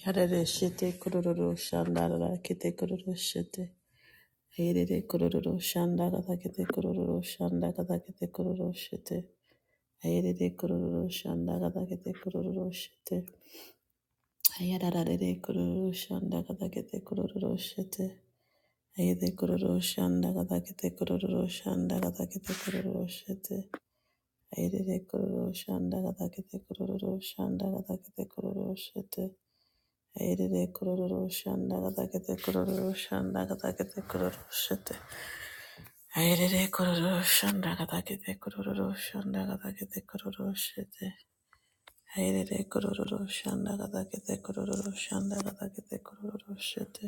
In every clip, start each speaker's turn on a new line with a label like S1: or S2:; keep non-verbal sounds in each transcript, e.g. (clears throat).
S1: Yarare shete kororo shandara kete kororo shete. Ayerere kororo shandara kete kororo shandara kete kororo shete. Ayerere kororo shandara kete kororo shete. Ayararare kororo shandara kete kororo shete. Ayede kororo shandara kete kororo shandara kete kororo shete. Ayerere kororo shandara kete kororo shandara kete kororo shete. Airere kororo shanda katakete kororo shanda katakete kororo shete. Airere kororo shanda katakete kororo shanda katakete kororo shete. Airere kororo shanda katakete kororo shanda katakete kororo shete.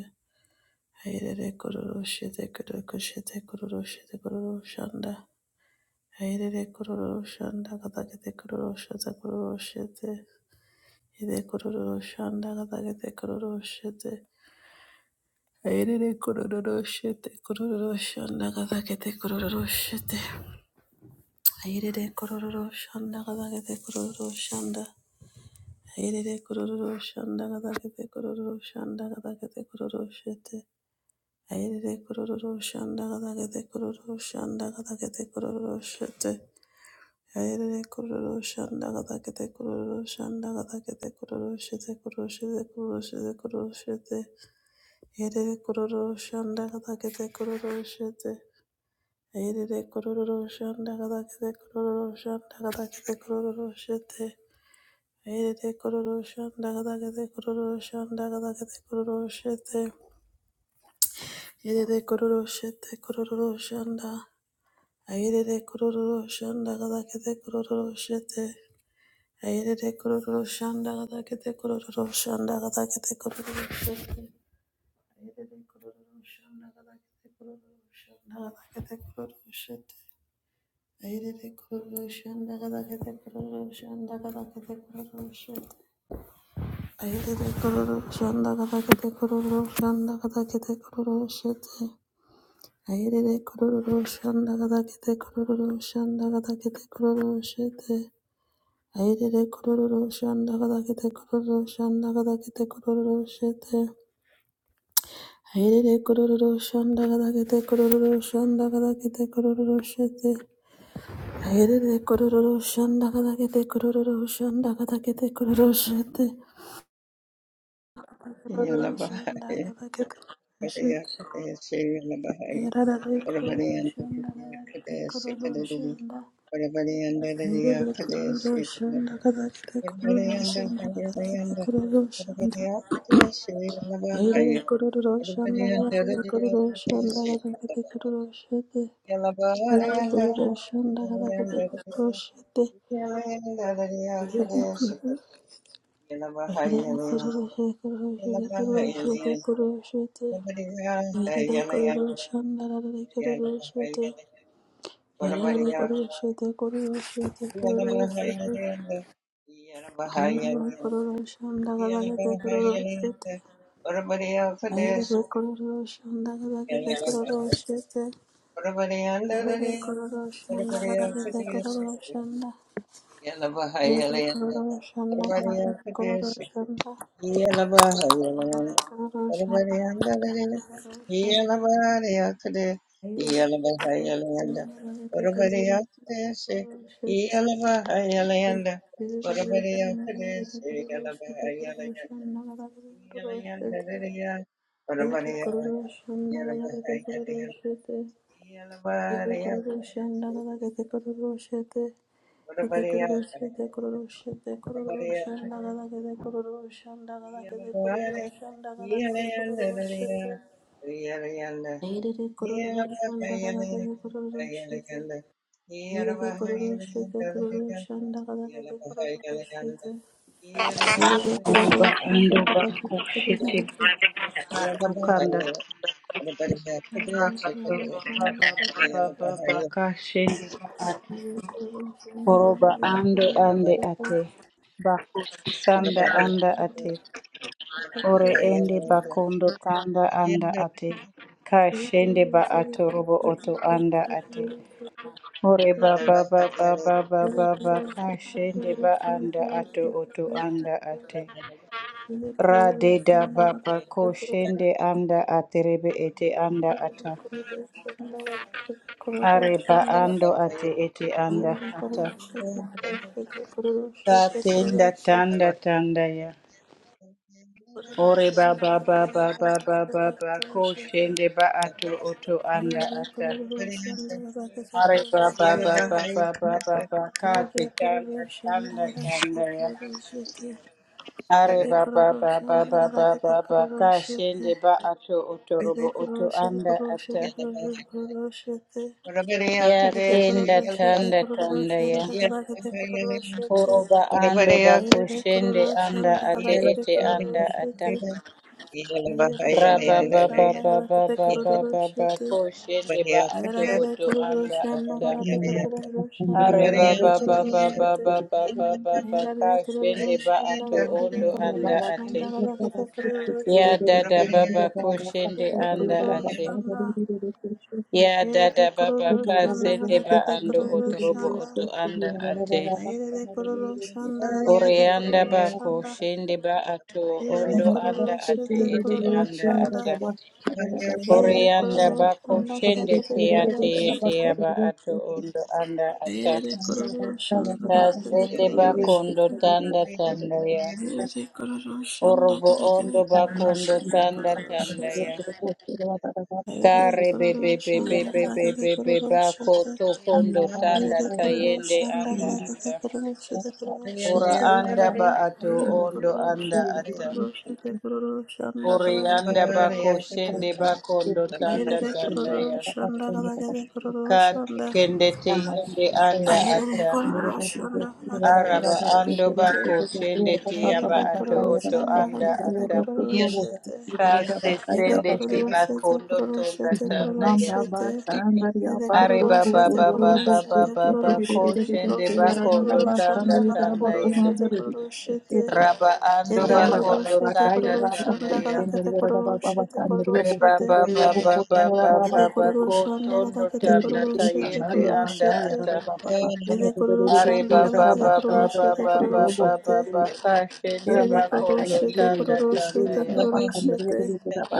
S1: Airere kororo shete kororo shete kororo shete kororo shanda. Airere kororo shanda katakete kororo shete kororo shete. Ide kororo shanda katakete kororo shete. Airere kororo shete kororo shanda kada kete kororo shete. Airere kororo shanda kada kete kororo shanda. Airere kororo shanda kada kete kororo shanda kada kete kororo shete. Airere kororo shanda kada kete kororo shanda kada kete kororo shete. Airere kororo shanda kada kete kororo shanda kada kete kororo shete kororo shete kororo shete kororo shete. Airere kororo shanda kada kete kororo shete. Aherere kororo shanda gada kete kororo shanda gada kete kororo shete. Aherere kororo shanda gada kete kororo shanda gada kete kororo shete. Aherere kororo shete kororo shanda. Aherere kororo shanda gada kete kororo shete. Aherere kororo shanda gada kete kororo shanda gada kete kororo shete. Aherere kororo shanda gada kete kororo shanda gada kete kororo shete. Ayerere kororoshan daga daga kete kororoshan daga daga kete kororoshan. Ayerere kororoshan daga daga de kororoshan daga daga de kororoshan. Ayerere kororoshan daga daga de kororoshan daga daga de kororoshan. Ayerere kororoshan daga daga de kororoshan daga daga de kororoshan. Ayerere kororoshan daga daga de kororoshan daga daga de kororoshan. Ayerere kororo shanda kadakete kororo shanda kadakete kororo shete kororo
S2: Yala
S1: shanda
S2: Bahaya,
S1: kadakete
S2: Padea,
S1: shete
S2: Padea, Yala Bahaya,
S1: ayerere
S2: Padabari
S1: kororo
S2: and
S1: shanda
S2: Padea,
S1: kadakete
S2: Padea,
S1: kororo
S2: Sikadadi,
S1: shanda
S2: Padabari and Dadia,
S1: ayerere
S2: Padea,
S1: kororo shanda
S2: Sikadadi,
S1: kadakete
S2: Padabari
S1: kororo
S2: and
S1: shanda
S2: Dadia, Padabari
S1: kadakete
S2: and
S1: kororo shanda
S2: Padea, Yala
S1: ayerere
S2: Bahaya,
S1: kororo
S2: Padabari
S1: shanda
S2: and
S1: kadakete
S2: Dadia,
S1: kororo
S2: Padea,
S1: shanda
S2: Serial
S1: kadakete kororo shete
S2: Yala Bahari
S1: ayerere
S2: and
S1: kororo shanda kadakete kororo
S2: Dadia,
S1: shete
S2: Yala and Dadia, Padea, Sikadadi, Yala
S1: Ayerera
S2: Bahaya,
S1: kororoshe kororoshe
S2: Yala
S1: kororoshe
S2: Bahaya,
S1: kororoshe te.
S2: Yala
S1: Ayerera kororoshe nararare
S2: Yalla
S1: kororoshe te. Yararare kororoshe te kororoshe te kororoshe te. Ayerera kororoshe nararare kororoshe te. Ayerera kororoshe nararare kororoshe te. Ayerera kororoshe nararare kororoshe te. Ayerera kororoshe nararare kororoshe te. Ayerera kororoshe nararare
S2: Yeah.
S1: kororoshe te. Shanda Shanda Irede kororo shete kororo shanda kada kete kororo shete.
S2: Yeah.
S1: Irede kororo
S3: Oba
S1: shanda
S3: ando
S1: kada
S3: bako
S1: kete kororo
S3: shete
S1: shete.
S3: bako kanda
S1: Irede
S3: taraba
S1: kororo shanda kada kete kororo
S3: baba
S1: shete.
S3: baba baka shende ate
S1: Irede kororo shanda
S3: oroba
S1: kada kete
S3: ando
S1: kororo
S3: ande
S1: shete. Irede kororo shete
S3: ate bako sanda anda ate
S1: kada kete
S3: ore
S1: kororo shete.
S3: ende bakondo tanda anda ate ka
S1: Irede
S3: shende
S1: kororo
S3: ba
S1: shete kororo shanda kada kete kororo shete. Irede
S3: ato robo
S1: kororo
S3: oto anda ate ore baba baba baba baba ka shende ba anda ato oto anda ate Radeda
S1: shanda kada
S3: baba
S1: kete kororo shete.
S3: koshende anda aterebe ete anda
S1: Shanda, Yedi
S3: ata
S1: kuruşu
S3: areba ando ate ete anda ata tatenda tanda tanda ya ore baba baba baba baba koshende ba ato oto anda ata are baba baba baba baba kate tanda tanda tanda ya are baba baba baba baba kashende ba ato oto robo oto anda
S1: kuruşu kuruşu
S3: ata
S1: kuruşu
S2: Ora bariya
S3: Ya
S1: Kete
S2: kadesi
S1: kororo
S3: tenda
S2: yala ba
S1: shete
S3: tanda
S1: kororo
S3: tanda ya.
S1: shanda kada kete
S2: yala
S1: kororo
S2: ba
S1: shete.
S3: Koroba
S2: yala ora
S3: ando
S2: bariya
S1: Airele kororo
S3: bakushende anda
S1: shanda kada
S3: ate
S2: Yeah.
S1: kete
S3: ete
S1: kororo
S3: anda
S1: shete.
S3: ata.
S1: Airele
S3: Raba
S1: kororo
S3: ba ba
S1: shanda
S3: ba
S1: kada
S3: ba
S1: kete
S3: ba ba
S1: kororo
S3: ba ba
S1: shete.
S3: kushende ba ato
S1: Airele
S3: oto
S1: kororo
S3: anda
S1: shanda
S3: ata.
S1: kada kete kororo shanda
S3: Are
S1: kada
S3: ba
S1: kete
S3: ba ba
S1: kororo
S3: ba ba
S1: shete.
S3: ba ba ba ba ba
S1: Airele kororo
S3: kashende ba
S1: shanda
S3: ato
S1: kada kete
S3: ondo
S1: kororo
S3: anda
S1: shanda
S3: ate.
S1: kada kete kororo
S3: Ya
S1: shete.
S3: dada baba kushende
S1: Airele
S3: anda
S1: kororo
S3: ate.
S1: shanda.
S3: Ya
S1: Airele
S3: dada baba
S1: kororo shanda
S3: kasende
S1: kada
S3: ba
S1: kete
S3: ando
S1: kororo
S3: otorobo
S1: shanda.
S3: oto anda ate.
S1: Ayerere kororo shanda gadagede
S3: Orianda
S1: kororo
S3: bako
S1: shanda.
S3: shende ba ato
S1: Ayerere
S3: ondo
S1: kororo
S3: anda ate
S1: shete
S3: ete
S1: kororo
S3: anda
S1: shanda.
S3: ata.
S1: Ayerere
S3: Orianda
S1: kororo
S3: bako
S1: shanda
S3: shende
S1: gadagede
S3: te
S1: kororo
S3: ate ete
S1: shete.
S3: aba ato ondo anda ata.
S1: Ayerere kororo shanda
S3: Ta
S1: gadagede
S3: shende
S1: kororo
S3: bako ondo
S1: shete.
S3: tanda tanda ya.
S1: Ayerere kororo shanda
S3: Orobo
S1: gadagede
S3: ondo bako
S1: kororo
S3: ondo
S1: shete
S3: tanda
S1: kororo
S3: tanda
S1: shete.
S3: ya.
S1: Ayerere
S3: Kare be
S1: kororo
S3: be be be
S1: shanda
S3: be be
S1: gadagede
S3: be be
S1: kororo shete.
S3: bako to kondo tanda
S1: Ayerere kororo
S3: tayende
S1: shanda
S3: anda
S1: gadagede
S3: ata.
S1: kororo shete kororo
S3: Ora
S1: shete.
S3: anda ba ato
S1: Yere
S3: ondo
S1: kururu
S3: anda
S1: şete
S3: ata.
S1: kururu şete kururu şanda kala gede
S3: Orianda
S1: kururu
S3: bako
S1: şete.
S3: shende bakondo
S1: Ayere
S3: tanda
S1: de
S3: tanda
S1: kururu
S3: ya.
S1: şanda kala gede kururu
S3: Kati
S1: şanda.
S3: kende te yende anda
S1: Ayere de
S3: ata.
S1: kururu şanda kala gede
S3: Araba
S1: kururu
S3: ando
S1: şete.
S3: bako shende te
S1: Ayere
S3: yaba
S1: de
S3: ato
S1: kururu
S3: oto
S1: şanda
S3: anda
S1: kala gede
S3: ata.
S1: kururu şete.
S3: Kase
S1: Yede
S3: sende te
S1: kururu şete
S3: bakondo
S1: kururu
S3: tanda
S1: şete
S3: tanda
S1: kururu
S3: ya.
S1: şete. Yede
S3: Are
S1: kururu
S3: baba
S1: şete
S3: baba
S1: kururu
S3: baba
S1: şete
S3: baba
S1: kururu
S3: ko
S1: şete kururu
S3: shende
S1: şete
S3: bakondo
S1: kururu
S3: tanda
S1: şanda kala
S3: tanda
S1: kururu
S3: ya.
S1: şete kururu şete.
S3: Raba ando
S1: Yete
S3: bakondo
S1: kororoshete
S3: tanda tanda
S1: kororoshanda
S3: ya.
S1: kadakete kororoshete
S3: Re ba
S1: kororoshete.
S3: ba ba ba ba ba
S1: Yete
S3: ba ba ko
S1: kororoshanda
S3: tondo
S1: kadakete
S3: tanda
S1: kororoshete
S3: tayende anda
S1: kororoshete.
S3: ata.
S1: Yete
S3: Are
S1: kororoshanda
S3: ba ba
S1: kadakete
S3: ba ba ba
S1: kororoshete
S3: ba ba ba
S1: kororoshete.
S3: ba ba ka shende
S1: Yete
S3: ba kondo
S1: kororoshete
S3: tanda tanda
S1: kororoshete
S3: ya.
S1: kororoshete.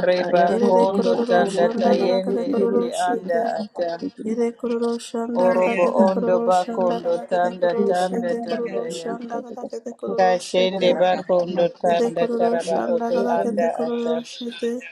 S3: Re ba
S1: Yete
S3: kondo tanda
S1: kororoshanda kadakete
S3: tayende ete anda
S1: kororoshete.
S3: ata.
S1: Yete kororoshanda
S3: Orobo
S1: kadakete
S3: ondo ba
S1: kororoshanda
S3: kondo
S1: kadakete
S3: tanda tanda
S1: kororoshete
S3: tanda ya.
S1: kororoshanda kadakete
S3: Ka
S1: kororoshete.
S3: shende ba kondo
S1: Yete
S3: tanda taraba
S1: kororoshanda
S3: oto
S1: kadakete
S3: anda ata.
S1: kororoshete.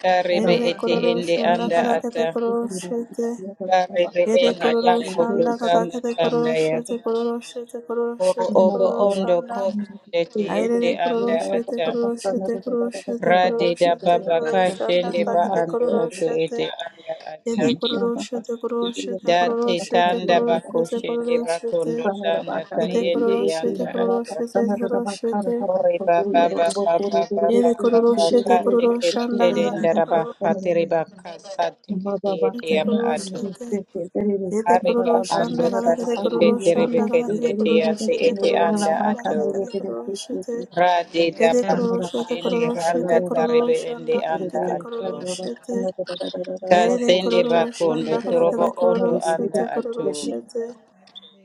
S3: Karebe
S1: Yerere
S3: ete
S1: kororo
S3: ende
S1: shanda
S3: anda
S1: kata kete
S3: ata.
S1: kororo shete.
S3: Barebe
S1: Yere
S3: ende
S1: kororo
S3: bakondo
S1: shanda kata
S3: tanda
S1: kete kororo
S3: tanda ya.
S1: shete kororo shete kororo
S3: Oro
S1: shete
S3: obo
S1: kororo
S3: ondo
S1: shanda.
S3: kosende tiende
S1: Ayerere kororo
S3: anda
S1: shete
S3: ata.
S1: kororo shete kororo shete kororo
S3: Rade da
S1: shete
S3: baba
S1: kororo shanda
S3: kashende
S1: kata
S3: ba
S1: kete
S3: ando
S1: kororo
S3: ate
S1: shete.
S3: ete anda ata.
S1: Yere kororo shete kororo shete
S3: Da
S1: kororo
S3: te
S1: shete
S3: tanda
S1: kororo
S3: bako
S1: shete
S3: shende
S1: kororo shete.
S3: bakondo tanda
S1: Yete
S3: tayende
S1: kororo shete
S3: yanda
S1: kororo
S3: ata.
S1: shete kororo shete.
S3: Ore baba
S2: Yes.
S3: baba baba
S1: Yere
S3: baba
S1: kororo shete
S3: baba
S1: kororo
S3: teke
S1: shanda
S3: tere
S1: kata kete
S3: ndaraba
S1: kororo
S3: hatere baka sa teke tiete
S1: shete
S3: yaba
S1: kororo
S3: ato.
S1: shete. Kete
S3: Arika
S1: kororo
S3: ando
S1: shanda kada kete
S3: kasende
S1: kororo
S3: terebe
S1: shanda kada
S3: kende
S1: kete kororo
S3: tiyate
S1: shete
S3: ete
S1: kororo
S3: anda
S1: shanda
S3: ato.
S1: kada kete kororo shete
S3: Rade
S1: kete
S3: daba
S1: kororo shete
S3: kashende
S1: kororo shete
S3: randa
S1: kororo
S3: tarebe ende
S1: shanda kada
S3: anda
S1: kete
S3: ato.
S1: kororo shete hayrede
S3: Kasende
S1: kororo
S3: bakondo
S1: shanda kada
S3: torobo
S1: kete kororo
S3: ondo
S1: shete
S3: anda
S1: kororo
S3: ato.
S1: shete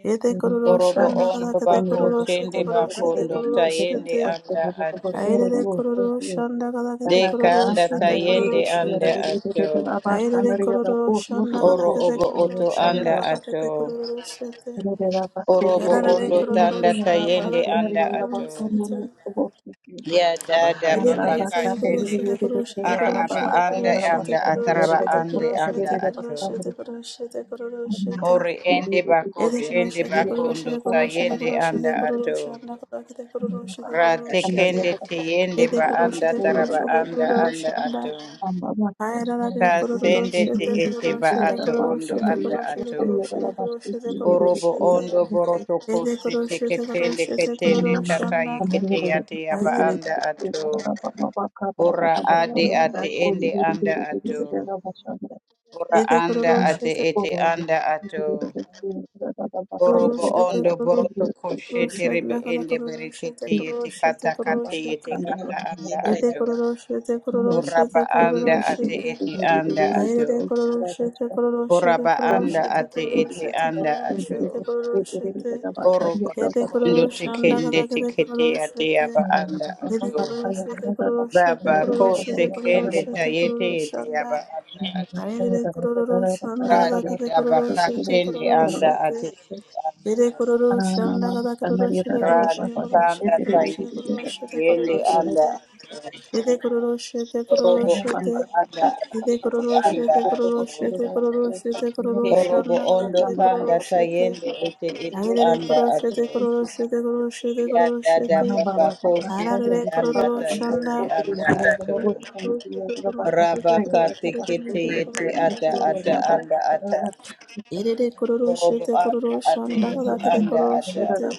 S1: kete kororo
S3: Orobo
S1: shanda kada
S3: ondo
S1: kete
S3: bako
S1: kororo shete
S3: shende
S1: kororo shete
S3: bakondo
S1: kororo
S3: tayende
S1: shete
S3: anda ato.
S1: hayrede kororo shanda kada kete
S3: Deka
S1: kororo
S3: anda
S1: shete
S3: tayende
S1: kororo
S3: anda
S1: shete
S3: ato.
S1: Aire de kororo shanda kada
S3: Oro
S1: kete
S3: obo
S1: kororo
S3: oto
S1: shanda
S3: anda
S1: kada
S3: ato.
S1: kete kororo shete
S3: Orobo
S1: Yararare
S3: ondo
S1: kororo
S3: tanda
S1: shanda
S3: tayende
S1: galakete
S3: anda
S1: kororo
S3: ato.
S1: shete.
S3: Ya dada
S1: Yere
S3: baba
S1: kororo shete kororo
S3: kashende
S1: shete
S3: ara
S1: kororo
S3: aba
S1: shete kororo
S3: anda
S1: shete
S3: anda
S1: kororo
S3: ataraba
S1: shete
S3: ande
S1: kororo
S3: anda
S1: shete kororo
S3: ato.
S1: shete kororo shete kororo shete kororo shete.
S3: Ori ende bako
S1: Yere kororo
S3: shende
S1: shete kororo
S3: bako ndo
S1: shete kororo shete
S3: tayende
S1: kororo shete
S3: anda
S1: kororo
S3: ato.
S1: shanda galakete kororo shete
S3: Ra
S1: kororo shete.
S3: tekende teyende
S1: Yere
S3: ba
S1: kororo
S3: anda
S1: shete kororo
S3: taraba
S1: shete
S3: anda
S1: kororo
S3: anda
S1: shanda.
S3: ato.
S1: Yararare kororo
S3: Kasende te
S1: shete
S3: ete
S1: kororo
S3: ba
S1: shete
S3: ato
S1: kororo
S3: ondo
S1: shete
S3: anda
S1: kororo shete kororo
S3: ato.
S1: shete kororo shete kororo
S3: Orobo
S1: shete.
S3: ondo boroto
S1: Yere
S3: kosi
S1: kororo shete kororo
S3: teketende
S1: shete kororo
S3: ketende ketende
S1: shanda.
S3: tataye kete yate yaba
S1: Ayerere
S3: anda ato. Ora
S1: kururu,
S3: ade ate ende anda ato. Ora
S1: yede
S3: anda
S1: kururu,
S3: ate
S1: şete
S3: ete anda ato.
S1: kururu,
S3: Orobo
S1: şete
S3: ondo
S1: kururu,
S3: boroto koshe
S1: kururu, şete
S3: terebe
S1: lakada
S3: ende
S1: kururu, şete
S3: berekete yete
S1: kururu, şete
S3: kata
S1: kururu,
S3: kate yete
S1: şete.
S3: kata anda
S1: Yede
S3: ato.
S1: kururu, şete kururu,
S3: Ora
S1: şete
S3: ba anda
S1: kururu,
S3: ate
S1: şete.
S3: ete anda ato.
S1: Ayerere kururu, şete kururu,
S3: Ora
S1: şete
S3: ba
S1: kururu,
S3: anda
S2: Yeah.
S1: şete
S3: ate
S1: kururu,
S3: ete
S1: şete
S3: anda
S1: kururu,
S3: ato.
S1: şete kururu, şete.
S3: Orobo
S1: Yede
S3: kondo
S1: kururu, şanda
S3: tekende
S1: kede
S3: tekete
S1: kururu,
S3: yate
S1: şete.
S3: yaba anda
S1: Yede
S3: ato.
S1: kururu, şete kururu, şete
S3: Baba ko
S1: kururu,
S2: Everybody had
S1: şete kururu,
S3: sekende
S1: şete
S3: tayete
S1: kururu,
S3: yete
S1: şanda.
S3: yaba anda ato.
S1: Arere kororo shanda
S3: Radi
S1: gadakete kororo
S3: Dabaka
S1: shete
S3: Chendi
S1: kororo
S3: anda
S1: shete.
S3: ati iti anda
S1: Ere
S3: ato.
S1: kororo shanda gadakete kororo
S3: Radi
S1: shete kororo shete
S3: Kanda
S1: kororo
S3: Taiti
S2: everybody
S3: iti
S1: shete kororo shete kororo
S3: Yendi
S1: shete
S3: anda ato.
S1: kororo shete. Ere kororo shete kororo
S3: Orobo
S2: had
S1: shete.
S3: Ondo anda ati
S1: Ere
S3: iti
S1: kororo
S3: anda
S1: shete kororo
S3: ato.
S1: shete kororo shete kororo
S3: Orobo
S1: shanda
S3: Ondo
S1: gadakete kororo
S3: Kanda
S1: shete.
S3: Tayende iti iti
S1: Arere
S3: anda
S1: kororo
S3: ato.
S1: shete kororo shete kororo shete
S3: Ya
S1: kororo
S3: dada
S1: shete.
S3: baba kosi
S1: Arare
S3: anda
S1: kororo
S3: tayende
S1: shanda.
S3: anda ato.
S1: Kororo shete kororo shete
S3: Rabaka
S1: kororo shete kororo
S3: tikiti iti
S1: shete
S3: ata
S1: kororo
S3: ata
S1: shete kororo shete.
S3: anda ata.
S1: Erere kororo
S3: Orobo
S1: shete
S3: anda
S1: kororo
S3: ati
S1: shanda
S3: iti
S1: kadakete
S3: anda
S1: kororo
S3: ata.
S1: shete.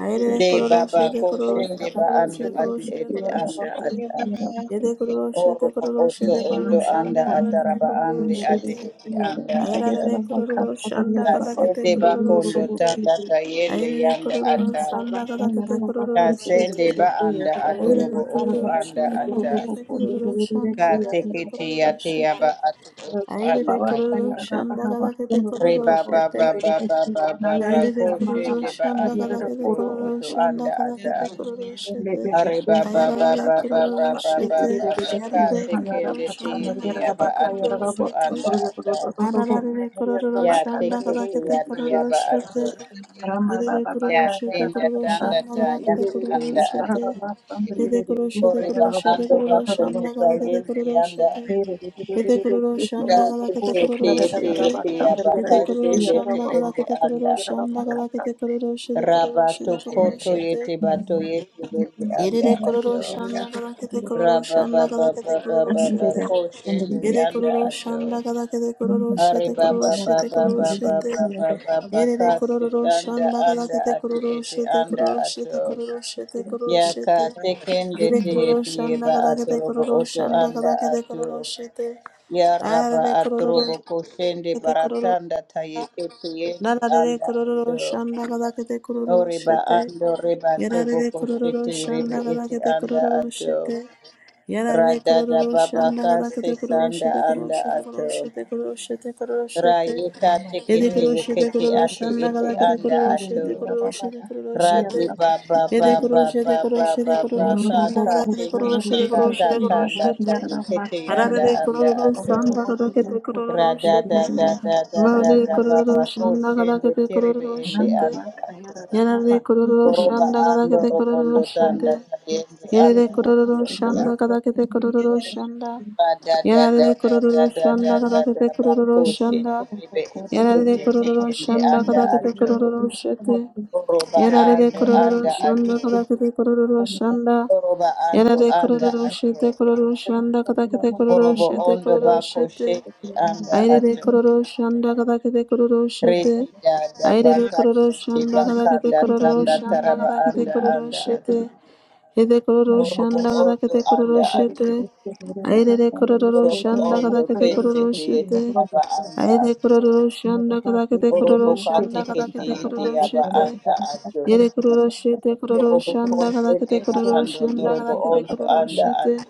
S1: Ayerere
S3: de
S1: kororo
S3: baba
S1: shete
S3: ko
S1: kororo
S3: shende
S1: shete
S3: ba
S1: kororo
S3: ando
S1: shete kororo
S3: ati
S1: shete
S3: ete
S1: kororo
S3: anda
S1: shete.
S3: ata
S1: Yede kororo
S3: orobo
S1: shete
S3: ko
S1: kororo
S3: oto
S1: shete
S3: ondo
S1: kororo
S3: anda
S1: shanda kadakete
S3: ataraba
S1: kororo
S3: ande ati
S1: shete.
S3: ete anda ata
S1: Ayerere kororo shanda kadakete
S3: kasende ba
S1: kororo
S3: kondo
S1: shete.
S3: tanda tayende
S1: Ayerere
S3: yanda
S1: kororo
S3: ata
S1: shanda kadakete kororo
S3: kasende
S1: shete.
S3: ba anda atorobo
S1: Ayerere
S3: oto
S1: kororo
S3: anda
S1: shanda
S3: ata
S1: kadakete kororo shanda kadakete
S3: katekiti tekiti
S1: kororo
S3: yate
S1: shete.
S3: yaba ato oto anda
S1: Ayerere kororo
S3: ata
S1: shanda kadakete kororo
S3: reba ba ba
S1: shete.
S3: ba ba ba ba ba
S1: Ayerere
S3: ko
S1: kororo
S3: shende ba
S1: shanda
S3: ando
S1: kadakete
S3: otorobo
S1: kororo
S3: oto
S1: shanda
S3: anda ata
S1: kadakete kororo shete.
S3: Ari baba baba
S1: Ayararare kororo
S3: baba baba
S1: shete.
S3: baba ka
S1: Ayarare kororo
S3: tekende
S1: shanda
S3: tiyeti
S1: kadakete
S3: yaba atu
S1: kororo
S3: utu
S1: shete.
S3: anda ata
S1: Ararare kororo
S3: ya
S1: shanda
S3: tekete
S1: kadakete
S3: yati
S1: kororo
S3: yaba atu
S1: shete. Yedede
S3: ya
S1: kuruluşete
S3: tenda
S1: kuruluşan
S3: tanda ta
S1: nagalakete
S3: yanda anda atu
S1: kuruluşete.
S2: Yeah.
S1: Yede kuruluşete
S3: kori ba
S1: kuruluşete
S3: ando ba
S1: kuruluşan
S3: kondo ta
S1: nagalakete
S3: yende yanda
S1: kuruluşete. Yede kuruluşan
S3: ya
S1: nagalakete
S3: tekete yeti
S1: kuruluşete.
S3: yeti yaba
S1: Yede
S3: ka tende
S1: kuruluşan
S3: te ende
S1: nagalakete
S3: anda
S1: kuruluşan
S3: atu
S1: nagalakete kuruluşete
S3: raba to
S1: kuruluşete
S3: koto
S1: kuruluşete.
S3: yeti bato yeti yeti anda
S1: Yedede
S3: atu
S1: kuruluşan nagalakete
S3: Rabba
S1: kuruluşan
S3: baba
S1: nagalakete
S3: baba Rabababababababa
S1: kuruluşete.
S3: koshende
S1: Yede
S3: yanda ato.
S1: kuruluşan nagalakete
S3: Ari
S1: kuruluşete
S3: baba
S1: kuruluşete
S3: baba baba
S1: kuruluşete.
S3: baba baba
S1: Yerere
S3: kasi
S1: kororo
S3: sanda
S1: shanda
S3: anda
S1: galakete
S3: ati
S1: kororo
S3: eti
S1: shete
S3: anda
S1: kororo
S3: ato.
S1: shete kororo shete kororo
S3: Yaka
S1: shete.
S3: tekende
S1: Yere kororo
S3: tiyetiye
S1: shanda
S3: ba
S1: galakete
S3: robo
S1: kororo
S3: oto
S1: shanda
S3: anda
S1: galakete
S3: ato.
S1: kororo shete.
S3: Ya raba
S1: Ararare kororo
S3: atorobo koshende
S1: shete kororo.
S3: baratanda tayeke tiyende
S1: Nararare
S3: anda
S1: kororo
S3: ato.
S1: shanda galakete kororo
S3: Oriba
S1: shete.
S3: ando reba tobo
S1: Yarare kororo
S3: koshete rebe
S1: shanda
S3: eti
S1: gadagade
S3: anda
S1: kororo
S3: ato.
S1: shete. Yarare
S3: Radada
S1: kororo shanda
S3: babaka se
S1: gadagade kororo
S3: sanda
S1: shete kororo
S3: anda
S1: shete kororo
S3: ato.
S1: shete kororo shete kororo shete.
S3: Rayika
S1: Yede
S3: tikiti
S1: kororo shete
S3: yikiti
S1: kororo
S3: ati
S1: shanda
S3: iti
S1: gadagade
S3: anda
S1: kororo
S3: ato.
S1: shete kororo shete kororo
S3: Radi
S1: shete.
S3: baba
S1: Yede kororo
S3: baba
S1: shete kororo
S3: baba
S1: shete
S3: baba
S1: kororo shanda
S3: kaka
S1: gadagade kororo
S3: tikiti
S1: shete kororo
S3: kata
S1: shete kororo
S3: tanda ta
S1: shete.
S3: yikiti anda
S1: Arare
S3: anda
S1: kororo
S3: ato.
S1: shanda gadagade kororo
S3: Radada
S1: shete.
S3: da da da da
S1: Mare
S3: da
S1: kororo
S3: baba
S1: shanda
S3: koshende
S1: gadagade
S3: tiribi
S1: kororo
S3: indi
S1: shete.
S3: anda ato.
S1: Yarare kororo
S3: Oroba
S1: shanda
S3: ando
S1: kadakete kororo
S3: robondo tanda
S1: shete.
S3: ta
S1: Yerere
S3: anda
S1: kororo
S3: ato.
S1: shanda kadakete kororo shanda.
S3: Ba da da da
S1: Yarare
S3: da
S1: kororo
S3: da da
S1: shanda
S3: da da da
S1: kadakete
S3: ba
S1: kororo
S3: ko she
S1: shanda.
S3: terebe ete
S1: Yarare
S3: ende te
S1: kororo
S3: ende
S1: shanda
S3: anda
S1: kadakete
S3: ato.
S1: kororo shete.
S3: Oroba
S1: Yarare
S3: ando
S1: kororo
S3: anda
S1: shanda
S3: ato.
S1: kadakete kororo shanda.
S3: Oroba ando
S1: Yarare
S3: anda
S1: kororo
S3: ato.
S1: shete kororo shanda kadakete kororo
S3: Orobo
S1: shete
S3: ondo ba
S1: kororo
S3: ko she
S1: shete.
S3: anda
S1: Ayrere
S3: ato.
S1: kororo shanda kada kete kororo shete.
S3: Redi da da ba
S1: Ayrere
S3: ka
S1: kororo
S3: she
S1: shanda
S3: ba
S1: kada kete
S3: kanda
S1: kororo
S3: tanda
S1: shanda
S3: taraba
S1: kada kete
S3: anda
S1: kororo
S3: anda ato.
S1: shete. Hede kororo
S3: Orobo
S1: shanda kada
S3: ondo
S1: kete kororo
S3: anda ato.
S1: shete. Ayrere kororo
S3: Orobo
S1: shanda kada
S3: ondo ke
S1: kete
S3: se
S1: kororo
S3: te
S1: shete.
S3: taba anda
S1: Ayrere
S3: ato.
S1: kororo shanda kada kete kororo
S3: Oroboka
S1: shanda kada
S3: tekete
S1: kete
S3: ete
S1: kororo
S3: aba
S1: shete.
S3: anda ato.
S1: Yere kororo shete kororo
S3: Oroboko
S1: shanda kada
S3: shende
S1: kete
S3: ba
S1: kororo
S3: ando
S1: shanda kada
S3: torobo
S1: kete
S3: ondo
S1: kororo
S3: anda
S1: shete.
S3: ato.